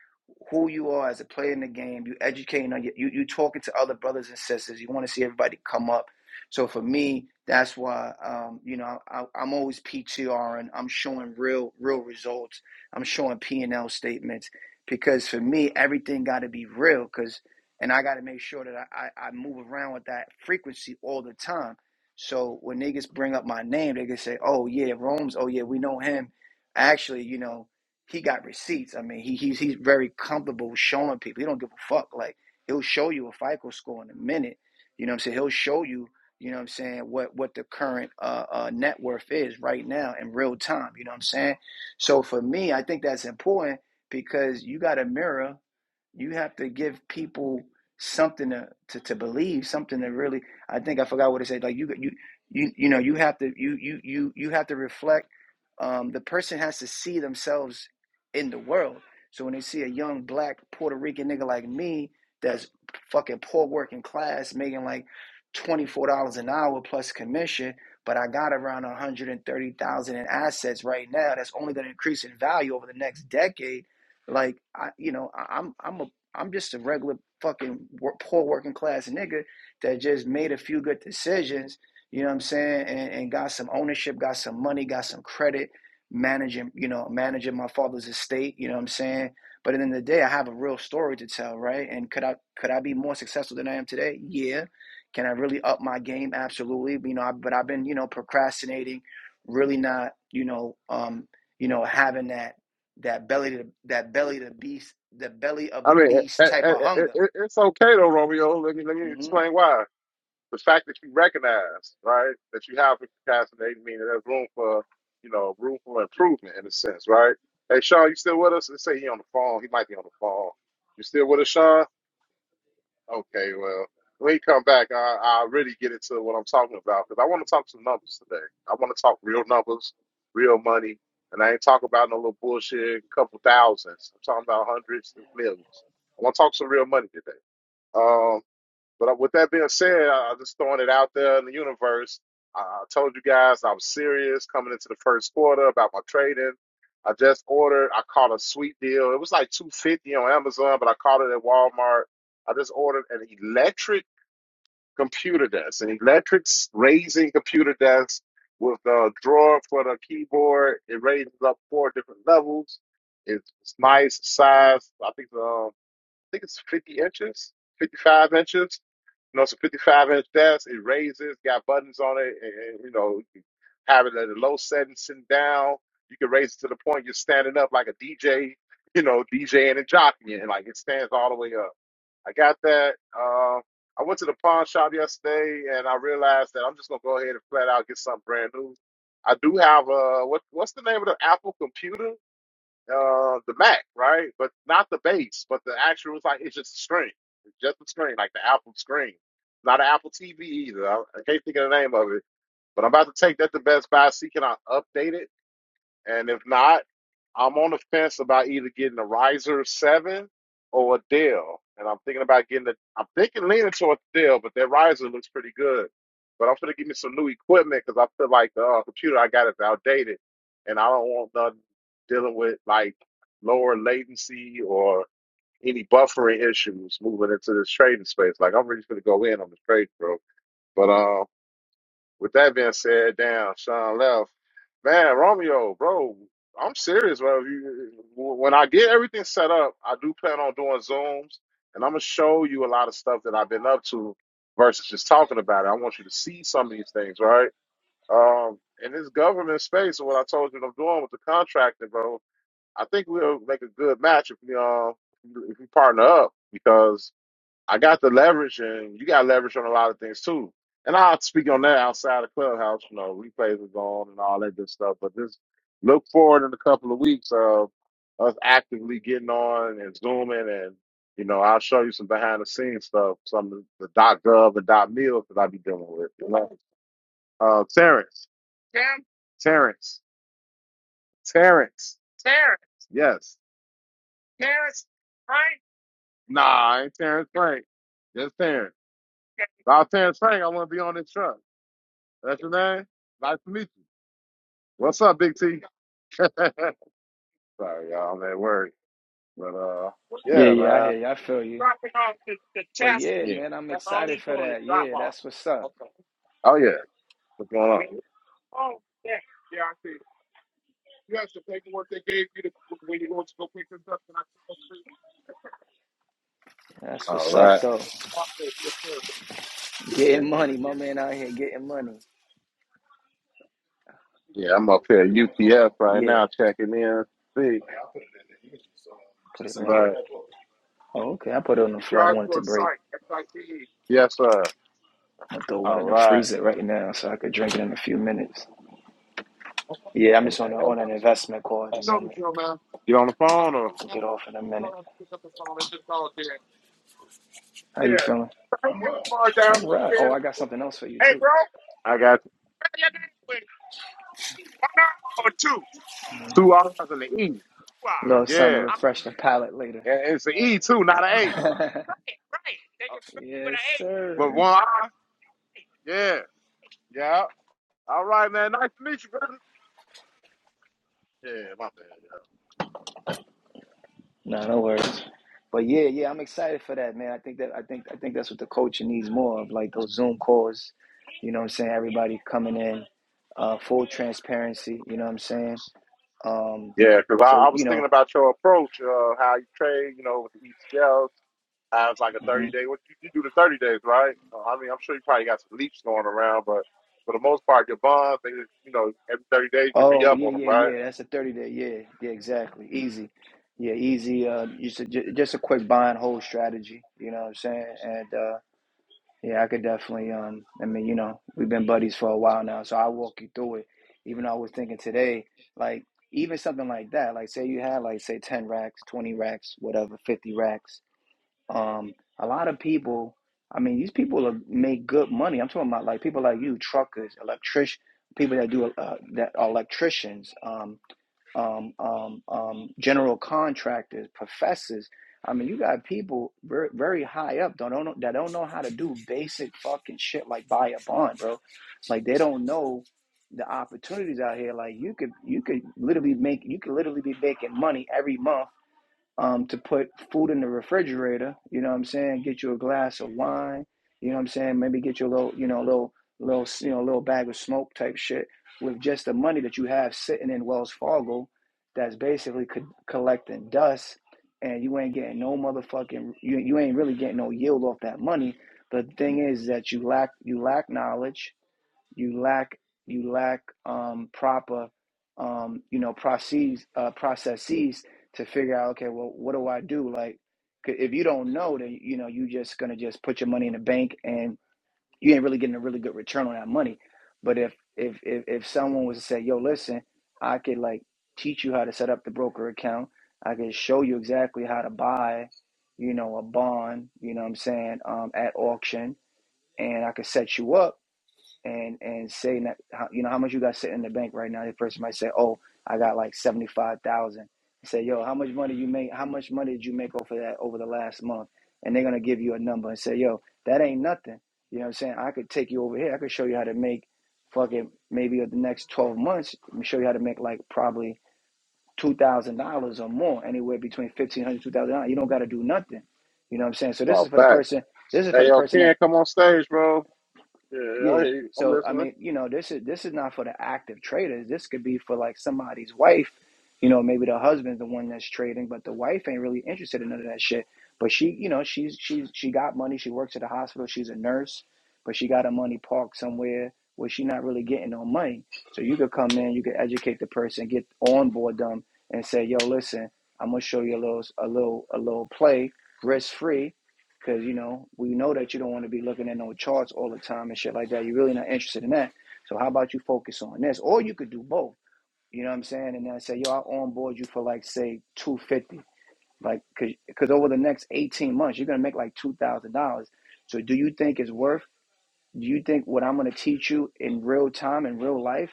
S4: who you are as a player in the game, you educating on you, you you talking to other brothers and sisters. You want to see everybody come up. So for me, that's why um, you know I, I'm always PTR and I'm showing real real results. I'm showing P and L statements because for me everything got to be real. Because and I got to make sure that I, I, I move around with that frequency all the time so when niggas bring up my name, they can say, "Oh yeah, Rome's. Oh yeah, we know him." Actually, you know, he got receipts. I mean, he he's he's very comfortable showing people. He don't give a fuck. Like he'll show you a FICO score in a minute. You know what I'm saying? He'll show you. You know what I'm saying? What what the current uh, uh, net worth is right now in real time. You know what I'm saying? So for me, I think that's important because you got a mirror. You have to give people something to, to, to believe, something to really. I think I forgot what it said. Like you you you you know you have to you you you you have to reflect. Um, the person has to see themselves in the world. So when they see a young black Puerto Rican nigga like me that's fucking poor working class, making like twenty four dollars an hour plus commission, but I got around one hundred and thirty thousand in assets right now. That's only going to increase in value over the next decade like I, you know, I, I'm I'm a I'm just a regular fucking wor- poor working class nigga that just made a few good decisions. You know what I'm saying? And, and got some ownership, got some money, got some credit, managing you know managing my father's estate. You know what I'm saying? But at the end of the day, I have a real story to tell, right? And could I could I be more successful than I am today? Yeah. Can I really up my game? Absolutely. You know, I, but I've been you know procrastinating, really not you know um you know having that that belly to that belly to beast the belly of
S1: I
S4: the
S1: mean, it,
S4: beast type of
S1: it, it,
S4: hunger.
S1: it, it's okay though, Romeo. Let me let me
S4: hmm
S1: explain why. the fact that you recognize, right, that you have procrastinating, meaning there's room for, you know, room for improvement in a sense, right? Hey, Sean, you still with us? Let's say he on the phone. He might be on the phone. You still with us, Sean? Okay, well, when he come back, I, I'll really get into what I'm talking about because I want to talk some numbers today. I want to talk real numbers, real money, and I ain't talking about no little bullshit, couple thousands. I'm talking about hundreds and millions. I want to talk some real money today. Um, but uh, with that being said, I I'm just throwing it out there in the universe. I I told you guys I was serious coming into the first quarter about my trading. I just ordered. I caught a sweet deal. It was like two fifty on Amazon, but I caught it at Walmart. I just ordered an electric computer desk, an electric s- raising computer desk with a drawer for the keyboard. It raises up four different levels. It's, it's nice size. I think the, I think it's fifty inches, fifty five inches you know, it's a 55 inch desk. It raises, got buttons on it, and, and, you know, you can have it at a low setting, sitting down. You can raise it to the point you're standing up like a DJ, you know, DJing and jockeying. Like it stands all the way up. I got that. Um, I went to the pawn shop yesterday, and I realized that I'm just gonna go ahead and flat out get something brand new. I do have uh, what what's the name of the Apple computer? uh, the Mac, right? But not the bass, but the actual. It's like it's just a screen, it's just a screen, like the Apple screen, not an Apple TV either. I, I can't think of the name of it, but I'm about to take that to Best Buy. See, can I update it? And if not, I'm on the fence about either getting a riser seven or a Dell. And I'm thinking about getting the I'm thinking leaning towards the Dell, but that riser looks pretty good. But I'm gonna give me some new equipment because I feel like the uh, computer I got is outdated, and I don't want nothing dealing with like lower latency or any buffering issues moving into this trading space. Like I'm really gonna go in on this trade, bro. But um. With that being said, damn, Sean left. Man, Romeo, bro, I'm serious, bro. You, when I get everything set up, I do plan on doing Zooms, and I'm gonna show you a lot of stuff that I've been up to versus just talking about it. I want you to see some of these things, right? Um, in this government space, what I told you I'm doing with the contracting, bro, I think we'll make a good match if we um if we partner up because I got the leverage, and you got leverage on a lot of things too. And I'll speak on that outside of clubhouse. You know, replays are gone and all that good stuff. But just look forward in a couple of weeks of us actively getting on and zooming, and you know, I'll show you some behind the scenes stuff, some of the dot gov and dot meals that I be dealing with. You know, uh, Terrence, Terrence, Terrence, Terrence, Terrence. Yes, nah, I ain't Terrence Frank. Just Terrence. If I was Terrence Frank, I wouldn't be on this truck. That's your name? Nice to meet you. What's up, Big T? Sorry, y'all, I'm at work. But uh
S4: Yeah,
S1: yeah,
S4: yeah, I
S1: man.
S4: hear you. I feel you.
S1: Dropping off the the
S4: But
S1: chassis.
S4: yeah,
S1: Yeah.
S4: man, I'm excited for that. Yeah, that's what's up.
S1: Oh yeah. What's going on?
S4: That's what's
S1: All
S4: up,
S1: right.
S4: though. Getting money, my man out here getting money.
S1: Yeah, I'm up here at UTS right
S4: Yeah,
S1: now checking in. See.
S4: put it in.
S1: Right.
S4: Oh, okay. I put it on the floor. I don't want it to break.
S1: Yes, sir.
S4: I throw one in
S1: All
S4: the
S1: right.
S4: freezer right now so I could drink it in a few minutes. Yeah, I'm just on a, on an investment call at the moment.
S1: You on the phone or
S4: I'll get off in a minute. How you
S1: Yeah.
S4: feeling?
S1: girl.
S4: All right. Oh, I got something else for you too.
S1: I got you. Number Two Two R's and an E.
S4: A little something to
S1: Yeah. I'm
S4: refresh the palate later.
S1: And it's an E too, not an A. Right. Right. Take it
S4: yes,
S1: through. With
S4: sir.
S1: one I. Yeah. Yeah. All right, man. Nice to meet you, brother. Yeah, my bad.
S4: No, no worries. But yeah, yeah, I'm excited for that, man. I think that I think I think that's what the culture needs more of, like those Zoom calls. You know what I'm saying? Everybody coming in, uh, full transparency. You know what I'm saying? Um,
S1: Yeah, yeah, because I,
S4: so
S1: I
S4: you
S1: was
S4: know,
S1: thinking about your approach, uh, how you trade, you know, with the ETLs. How it's like a
S4: hmm
S1: 30 day. What you, you do the 30 days, right? Uh, I mean, I'm sure you probably got some leaps going around, but for the most part, your bonds, they, just, you know, every 30 days you re
S4: oh
S1: up
S4: yeah,
S1: on them,
S4: yeah,
S1: right?
S4: yeah. That's a 30 day. Yeah, yeah, exactly. Easy. Yeah, easy. Uh, just a, ju- just a quick buy and hold strategy. You know what I'm saying? and. uh, Yeah, I could definitely. Um, I mean, you know, we've been buddies for a while now, so I'll walk you through it. Even though I was thinking today, like even something like that, like say you had like say ten racks, twenty racks, whatever, fifty racks. Um, a lot of people. I mean, these people are, make good money. I'm talking about like people like you, truckers, electric, people that do uh, that are electricians. Um, um, um, um, general contractors, professors. I mean, you got people very, very high up don't, don't know, that don't know how to do basic fucking shit like buy a bond, bro. Like they don't know the opportunities out here. Like you could you could literally make you could literally be making money every month um, to put food in the refrigerator. You know what I'm saying? Get you a glass of wine. You know what I'm saying? Maybe get you a little, you know, a little, little, you know, a little bag of smoke type shit with just the money that you have sitting in Wells Fargo. That's basically co- collecting dust, and you ain't getting no motherfucking. You you ain't really getting no yield off that money. But the thing is that you lack you lack knowledge you lack you lack um, proper um, you know processes uh, processes to figure out okay well what do I do like 'cause if you don't know then you know you just gonna just put your money in the bank and you ain't really getting a really good return on that money but if if if, if someone was to say yo listen I could like teach you how to set up the broker account I could show you exactly how to buy you know a bond you know what I'm saying um, at auction and I could set you up and and say that you know how much you got sitting in the bank right now. The person might say, "Oh, I got like seventy five thousand. Say, "Yo, how much money you make? How much money did you make over that over the last month?" And they're gonna give you a number and say, "Yo, that ain't nothing." You know what I'm saying? I could take you over here. I could show you how to make fucking maybe the next twelve months. Let me show you how to make like probably two thousand dollars or more, anywhere between fifteen hundred dollars and two thousand dollars. You don't got to do nothing. You know what I'm saying? So this is
S1: No,
S4: for the
S1: facts.
S4: person. This is for
S1: Hey,
S4: the
S1: yo,
S4: person that
S1: Ken, come on stage, bro. Yeah, I
S4: yeah.
S1: hear you. I'm
S4: So I
S1: listening.
S4: mean, you know, this is this is not for the active traders. This could be for like somebody's wife. You know, maybe the husband's the one that's trading, but the wife ain't really interested in none of that shit. But she, you know, she's she's she got money. She works at a hospital. She's a nurse, but she got her money parked somewhere where she not really getting no money. So you could come in, you could educate the person, get on board them, and say, "Yo, listen, I'm gonna show you a little a little a little play, risk free." because you know we know that you don't want to be looking at no charts all the time and shit like that. You're really not interested in that. So how about you focus on this, or you could do both. You know what I'm saying? And then I say, yo, I'll onboard you for like say 250, like because over the next 18 months you're gonna make like two thousand dollars. So do you think it's worth? Do you think what I'm gonna teach you in real time in real life?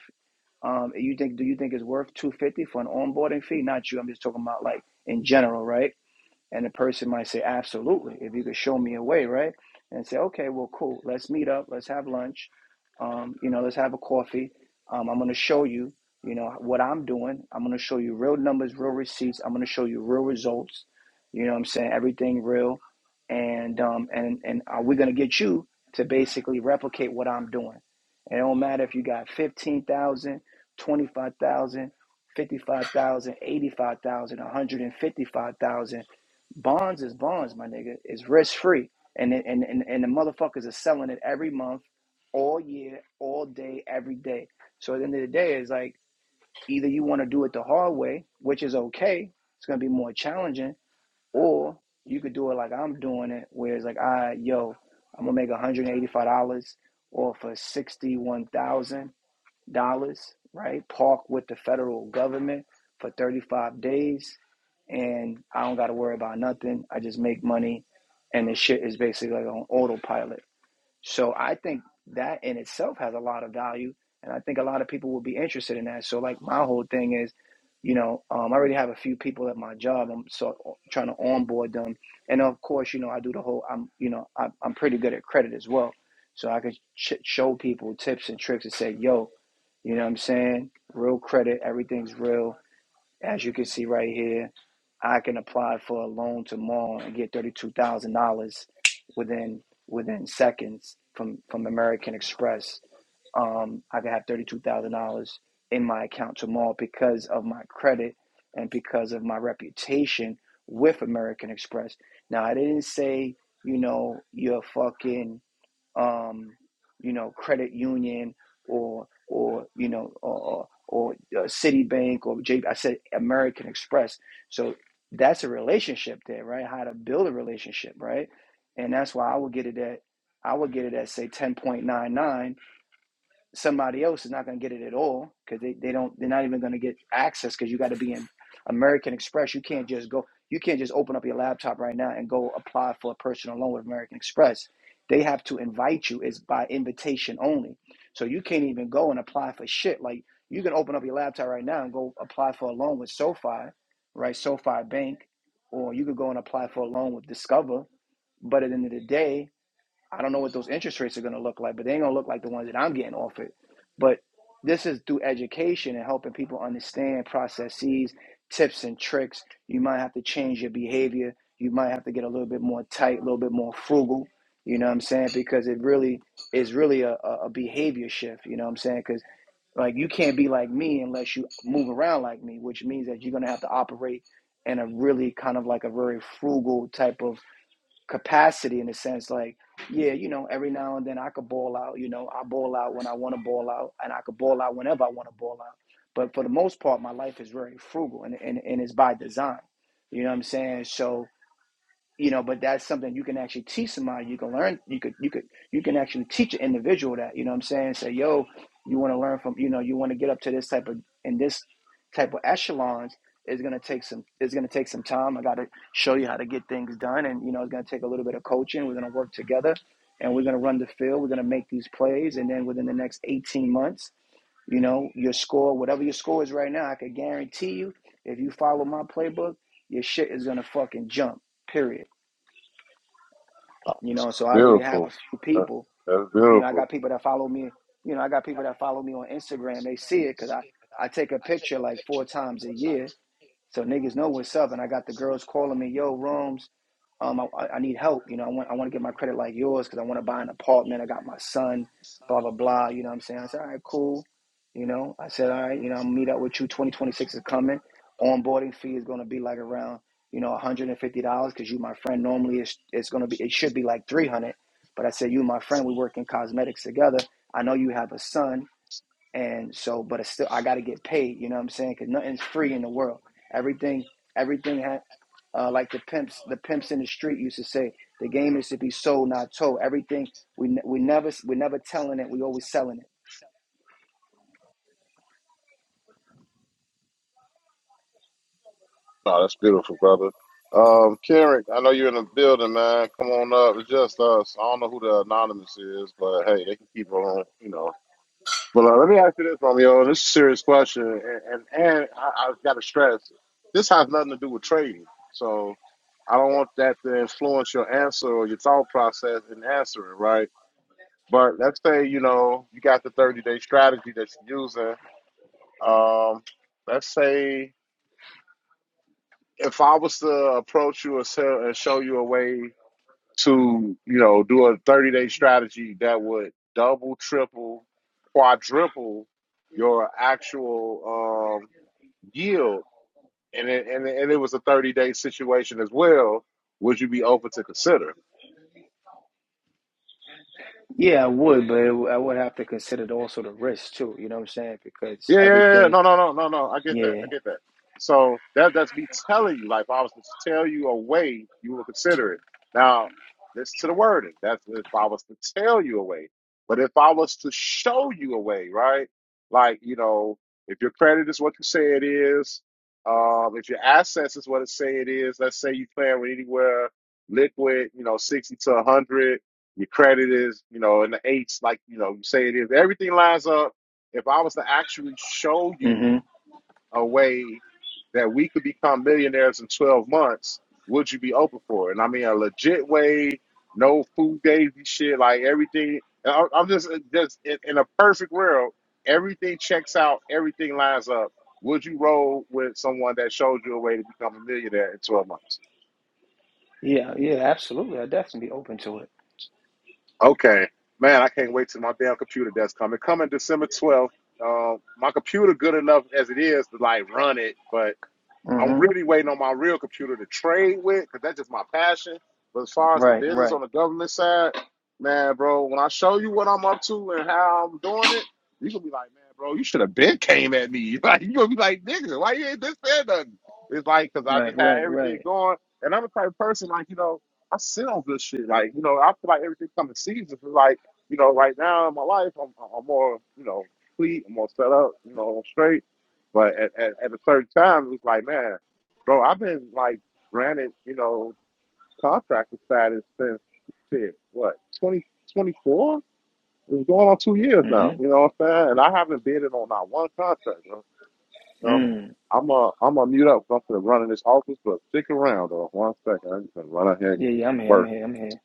S4: Um, you think do you think it's worth 250 for an onboarding fee? Not you. I'm just talking about like in general, right? And the person might say, absolutely, if you could show me a way, right? And say, okay, well, cool. Let's meet up. Let's have lunch. Um, you know, let's have a coffee. Um, I'm going to show you, you know, what I'm doing. I'm going to show you real numbers, real receipts. I'm going to show you real results. You know what I'm saying? Everything real. And, um, and, and are we going to get you to basically replicate what I'm doing? And it don't matter if you got 15,000, 25,000, Bonds is bonds, my nigga. It's risk free, and it- and and and the motherfuckers are selling it every month, all year, all day, every day. So at the end of the day, it's like either you want to do it the hard way, which is okay. It's gonna be more challenging, or you could do it like I'm doing it, where it's like, ah, yo, I'm gonna make 185 dollars off of 61,000 dollars, right? Park with the federal government for 35 days, and I don't got to worry about nothing. I just make money, and the shit is basically like on autopilot. So I think that in itself has a lot of value, and I think a lot of people will be interested in that. So like my whole thing is, you know, um, I already have a few people at my job. I'm so trying to onboard them, and of course, you know, I do the whole. I'm you know, I'm, I'm pretty good at credit as well, so I could ch- show people tips and tricks and say, yo, you know, what I'm saying, real credit, everything's real as you can see right here, I can apply for a loan tomorrow and get thirty-two thousand dollars within within seconds from from American Express. Um, I can have thirty-two thousand dollars in my account tomorrow because of my credit and because of my reputation with American Express. Now I didn't say you know you're fucking um, you know, credit union or or you know or or, or uh, Citibank or J. I said American Express. So that's a relationship there, right? How to build a relationship, right? And that's why I would get it at I would get it at say 10.99 somebody else is not going to get it at all because they, they don't they're not even going to get access because you got to be in American Express. You can't just go you can't just open up your laptop right now and go apply for a personal loan with American Express. They have to invite you. It's by invitation only. So you can't even go and apply for shit. Like you can open up your laptop right now and go apply for a loan with SoFi, right? SoFi Bank, or you could go and apply for a loan with Discover. But at the end of the day, I don't know what those interest rates are going to look like, but they ain't going to look like the ones that I'm getting offered. But this is through education and helping people understand processes, tips, and tricks. You might have to change your behavior. You might have to get a little bit more tight, a little bit more frugal. You know what I'm saying? Because it really is really a, a a behavior shift. You know what I'm saying? Because like you can't be like me unless you move around like me, which means that you're going to have to operate in a really kind of like a very frugal type of capacity in a sense like yeah you know every now and then i could ball out you know i ball out when i want to ball out and i could ball out whenever i want to ball out but for the most part my life is very frugal and, and, and it's by design you know what i'm saying so you know but that's something you can actually teach somebody you can learn you could you could you can actually teach an individual that you know what i'm saying say yo you want to learn from you know you want to get up to this type of in this type of echelons is going to take some it's going to take some time i got to show you how to get things done and you know it's going to take a little bit of coaching we're going to work together and we're going to run the field we're going to make these plays and then within the next 18 months you know your score whatever your score is right now i can guarantee you if you follow my playbook your shit is going to fucking jump period you know, so I already have a
S1: Beautiful.
S4: few
S1: That-
S4: people.
S1: That's
S4: You know, I
S1: beautiful.
S4: got people that follow me. You know, I got people that follow me on Instagram. They see it because I, I take a picture like four times a year so niggas know what's up, and I got the girls calling me, yo, rooms. Um, I, I need help. You know, I want I want to get my credit like yours because I want to buy an apartment. I got my son, blah blah blah. You know what I'm saying? I said, all right, cool. You know, I said, all right, you know, I'm gonna meet up with you. 2026 is coming. Onboarding fee is gonna be like around, you know, 150 dollars because you my friend. Normally, it's it's gonna be it should be like 300, but I said you my friend. We work in cosmetics together. I know you have a son and so but it's still i got to get paid you know what i'm saying because nothing's free in the world everything everything ha uh, like the pimps the pimps in the street used to say the game is to be sold not told everything we, we never we never telling it we always selling it
S1: No, that's beautiful, brother. Um, Karen, I know you're in the building, man. Come on up. It's just us. I don't know who the anonymous is, but hey, they can keep on, you know. But uh, let me ask you this, Romeo. This is a serious question, and and, and I, I've got to stress, this has nothing to do with trading. So I don't want that to influence your answer or your thought process in answering, right? But let's say you know you got the 30 day strategy that you're using. Um, let's say if I was to approach you and, sell, and show you a way to, you know, do a 30 day strategy that would double, triple, quadruple your actual um, yield, and it, and, it- and it was a 30 day situation as well, would you be open to consider?
S4: Yeah, I would, but it, I would have to consider also the risk too. You know what I'm saying? Because
S1: Yeah, yeah, yeah. yeah.
S4: everything,
S1: No, no, no, no, no. I get that. I
S4: yeah,
S1: get that. So that that's me telling you. Like if I was to tell you a way, you will consider it. Now, listen to the wording. That's if I was to tell you a way. But if I was to show you a way, right? Like, you know, if your credit is what you say it is, um, if your assets is what it say it is, let's say you playing with anywhere liquid, you know, sixty to hundred, your credit is, you know, in the eights, like, you know, you say it is, everything lines up if I was to actually show
S4: mm
S1: you
S4: hmm
S1: a way that we could become millionaires in 12 months, would you be open for it? And I mean, a legit way, no food daisy shit, like everything. and I- I'm just, uh, just in, in a perfect world, everything checks out, everything lines up. Would you roll with someone that showed you a way to become a millionaire in 12 months?
S4: yeah, yeah, absolutely. I'd definitely be open to it.
S1: Okay. Man, I can't wait till my damn computer does come. It coming December 12th. Uh, my computer good enough as it is to like run it, but
S4: mm
S1: I'm
S4: hmm
S1: really waiting on my real computer to trade with because that's just my passion. But as far as the
S4: Right,
S1: business
S4: right,
S1: on the government side, man, bro, when I show you what I'm up to and how I'm doing it, you should be like, man, bro, you should have been came at me. Like you gonna be like, nigga, why you ain't been said nothing? It's like because I
S4: right,
S1: just had
S4: right,
S1: everything
S4: right.
S1: going, and I'm the type of person like you know I sit on good shit. Like you know I feel like everything comes in seasons. But like you know right now in my life, I'm I'm more you know complete, I'm more set up, you know, I'm straight. But at, at, at a certain time, it's like, man, bro, I've been like granted, you know, contractor status since shit, what, 20 24? It's going on two years
S4: mm
S1: now. You know what I'm saying? And I haven't bid it on not one contract, bro.
S4: hmm
S1: So
S4: Mm.
S1: I'm a, I'm a mute up. 'cause I'm gonna run in this office, but stick around though. One second, I'm just gonna run out here and
S4: Yeah,
S1: get this
S4: yeah, I'm here. I'm
S1: work.
S4: here. I'm here.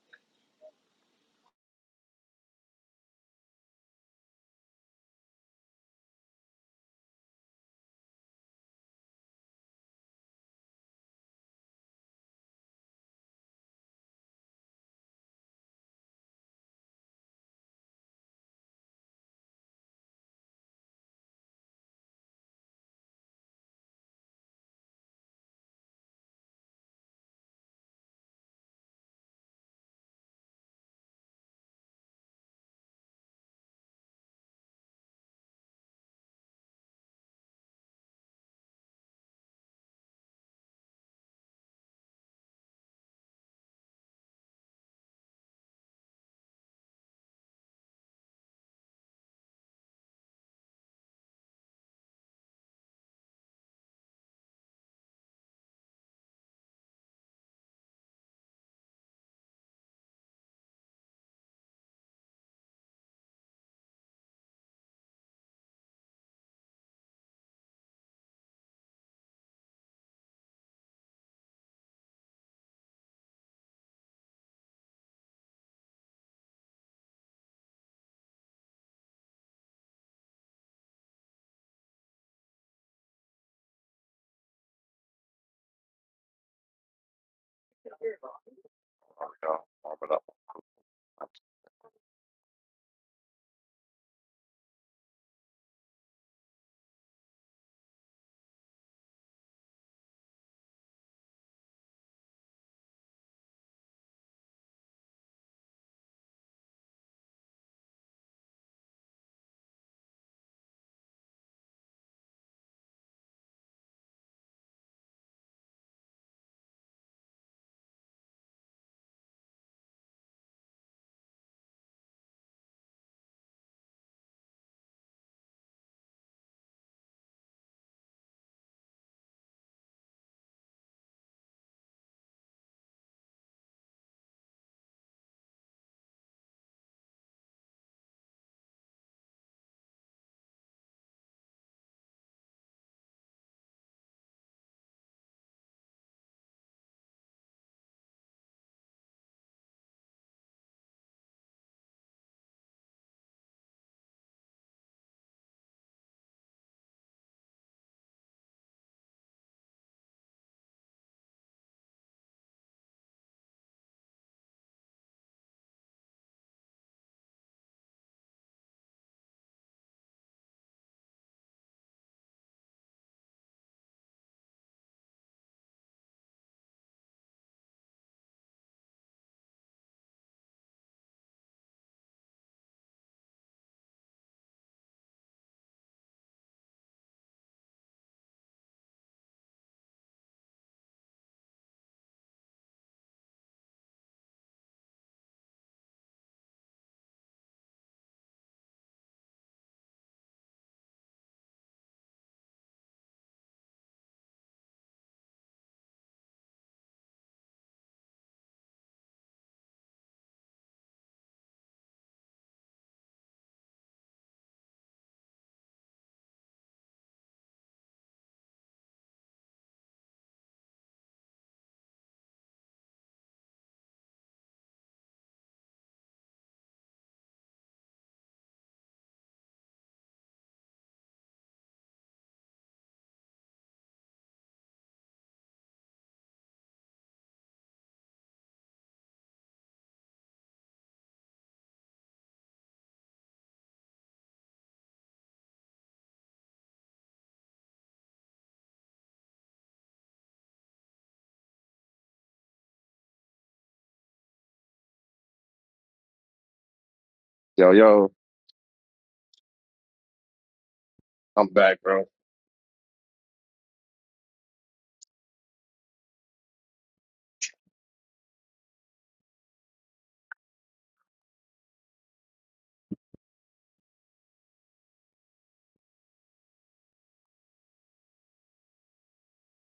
S1: You know, warm it up. Yo, yo, I'm back, bro.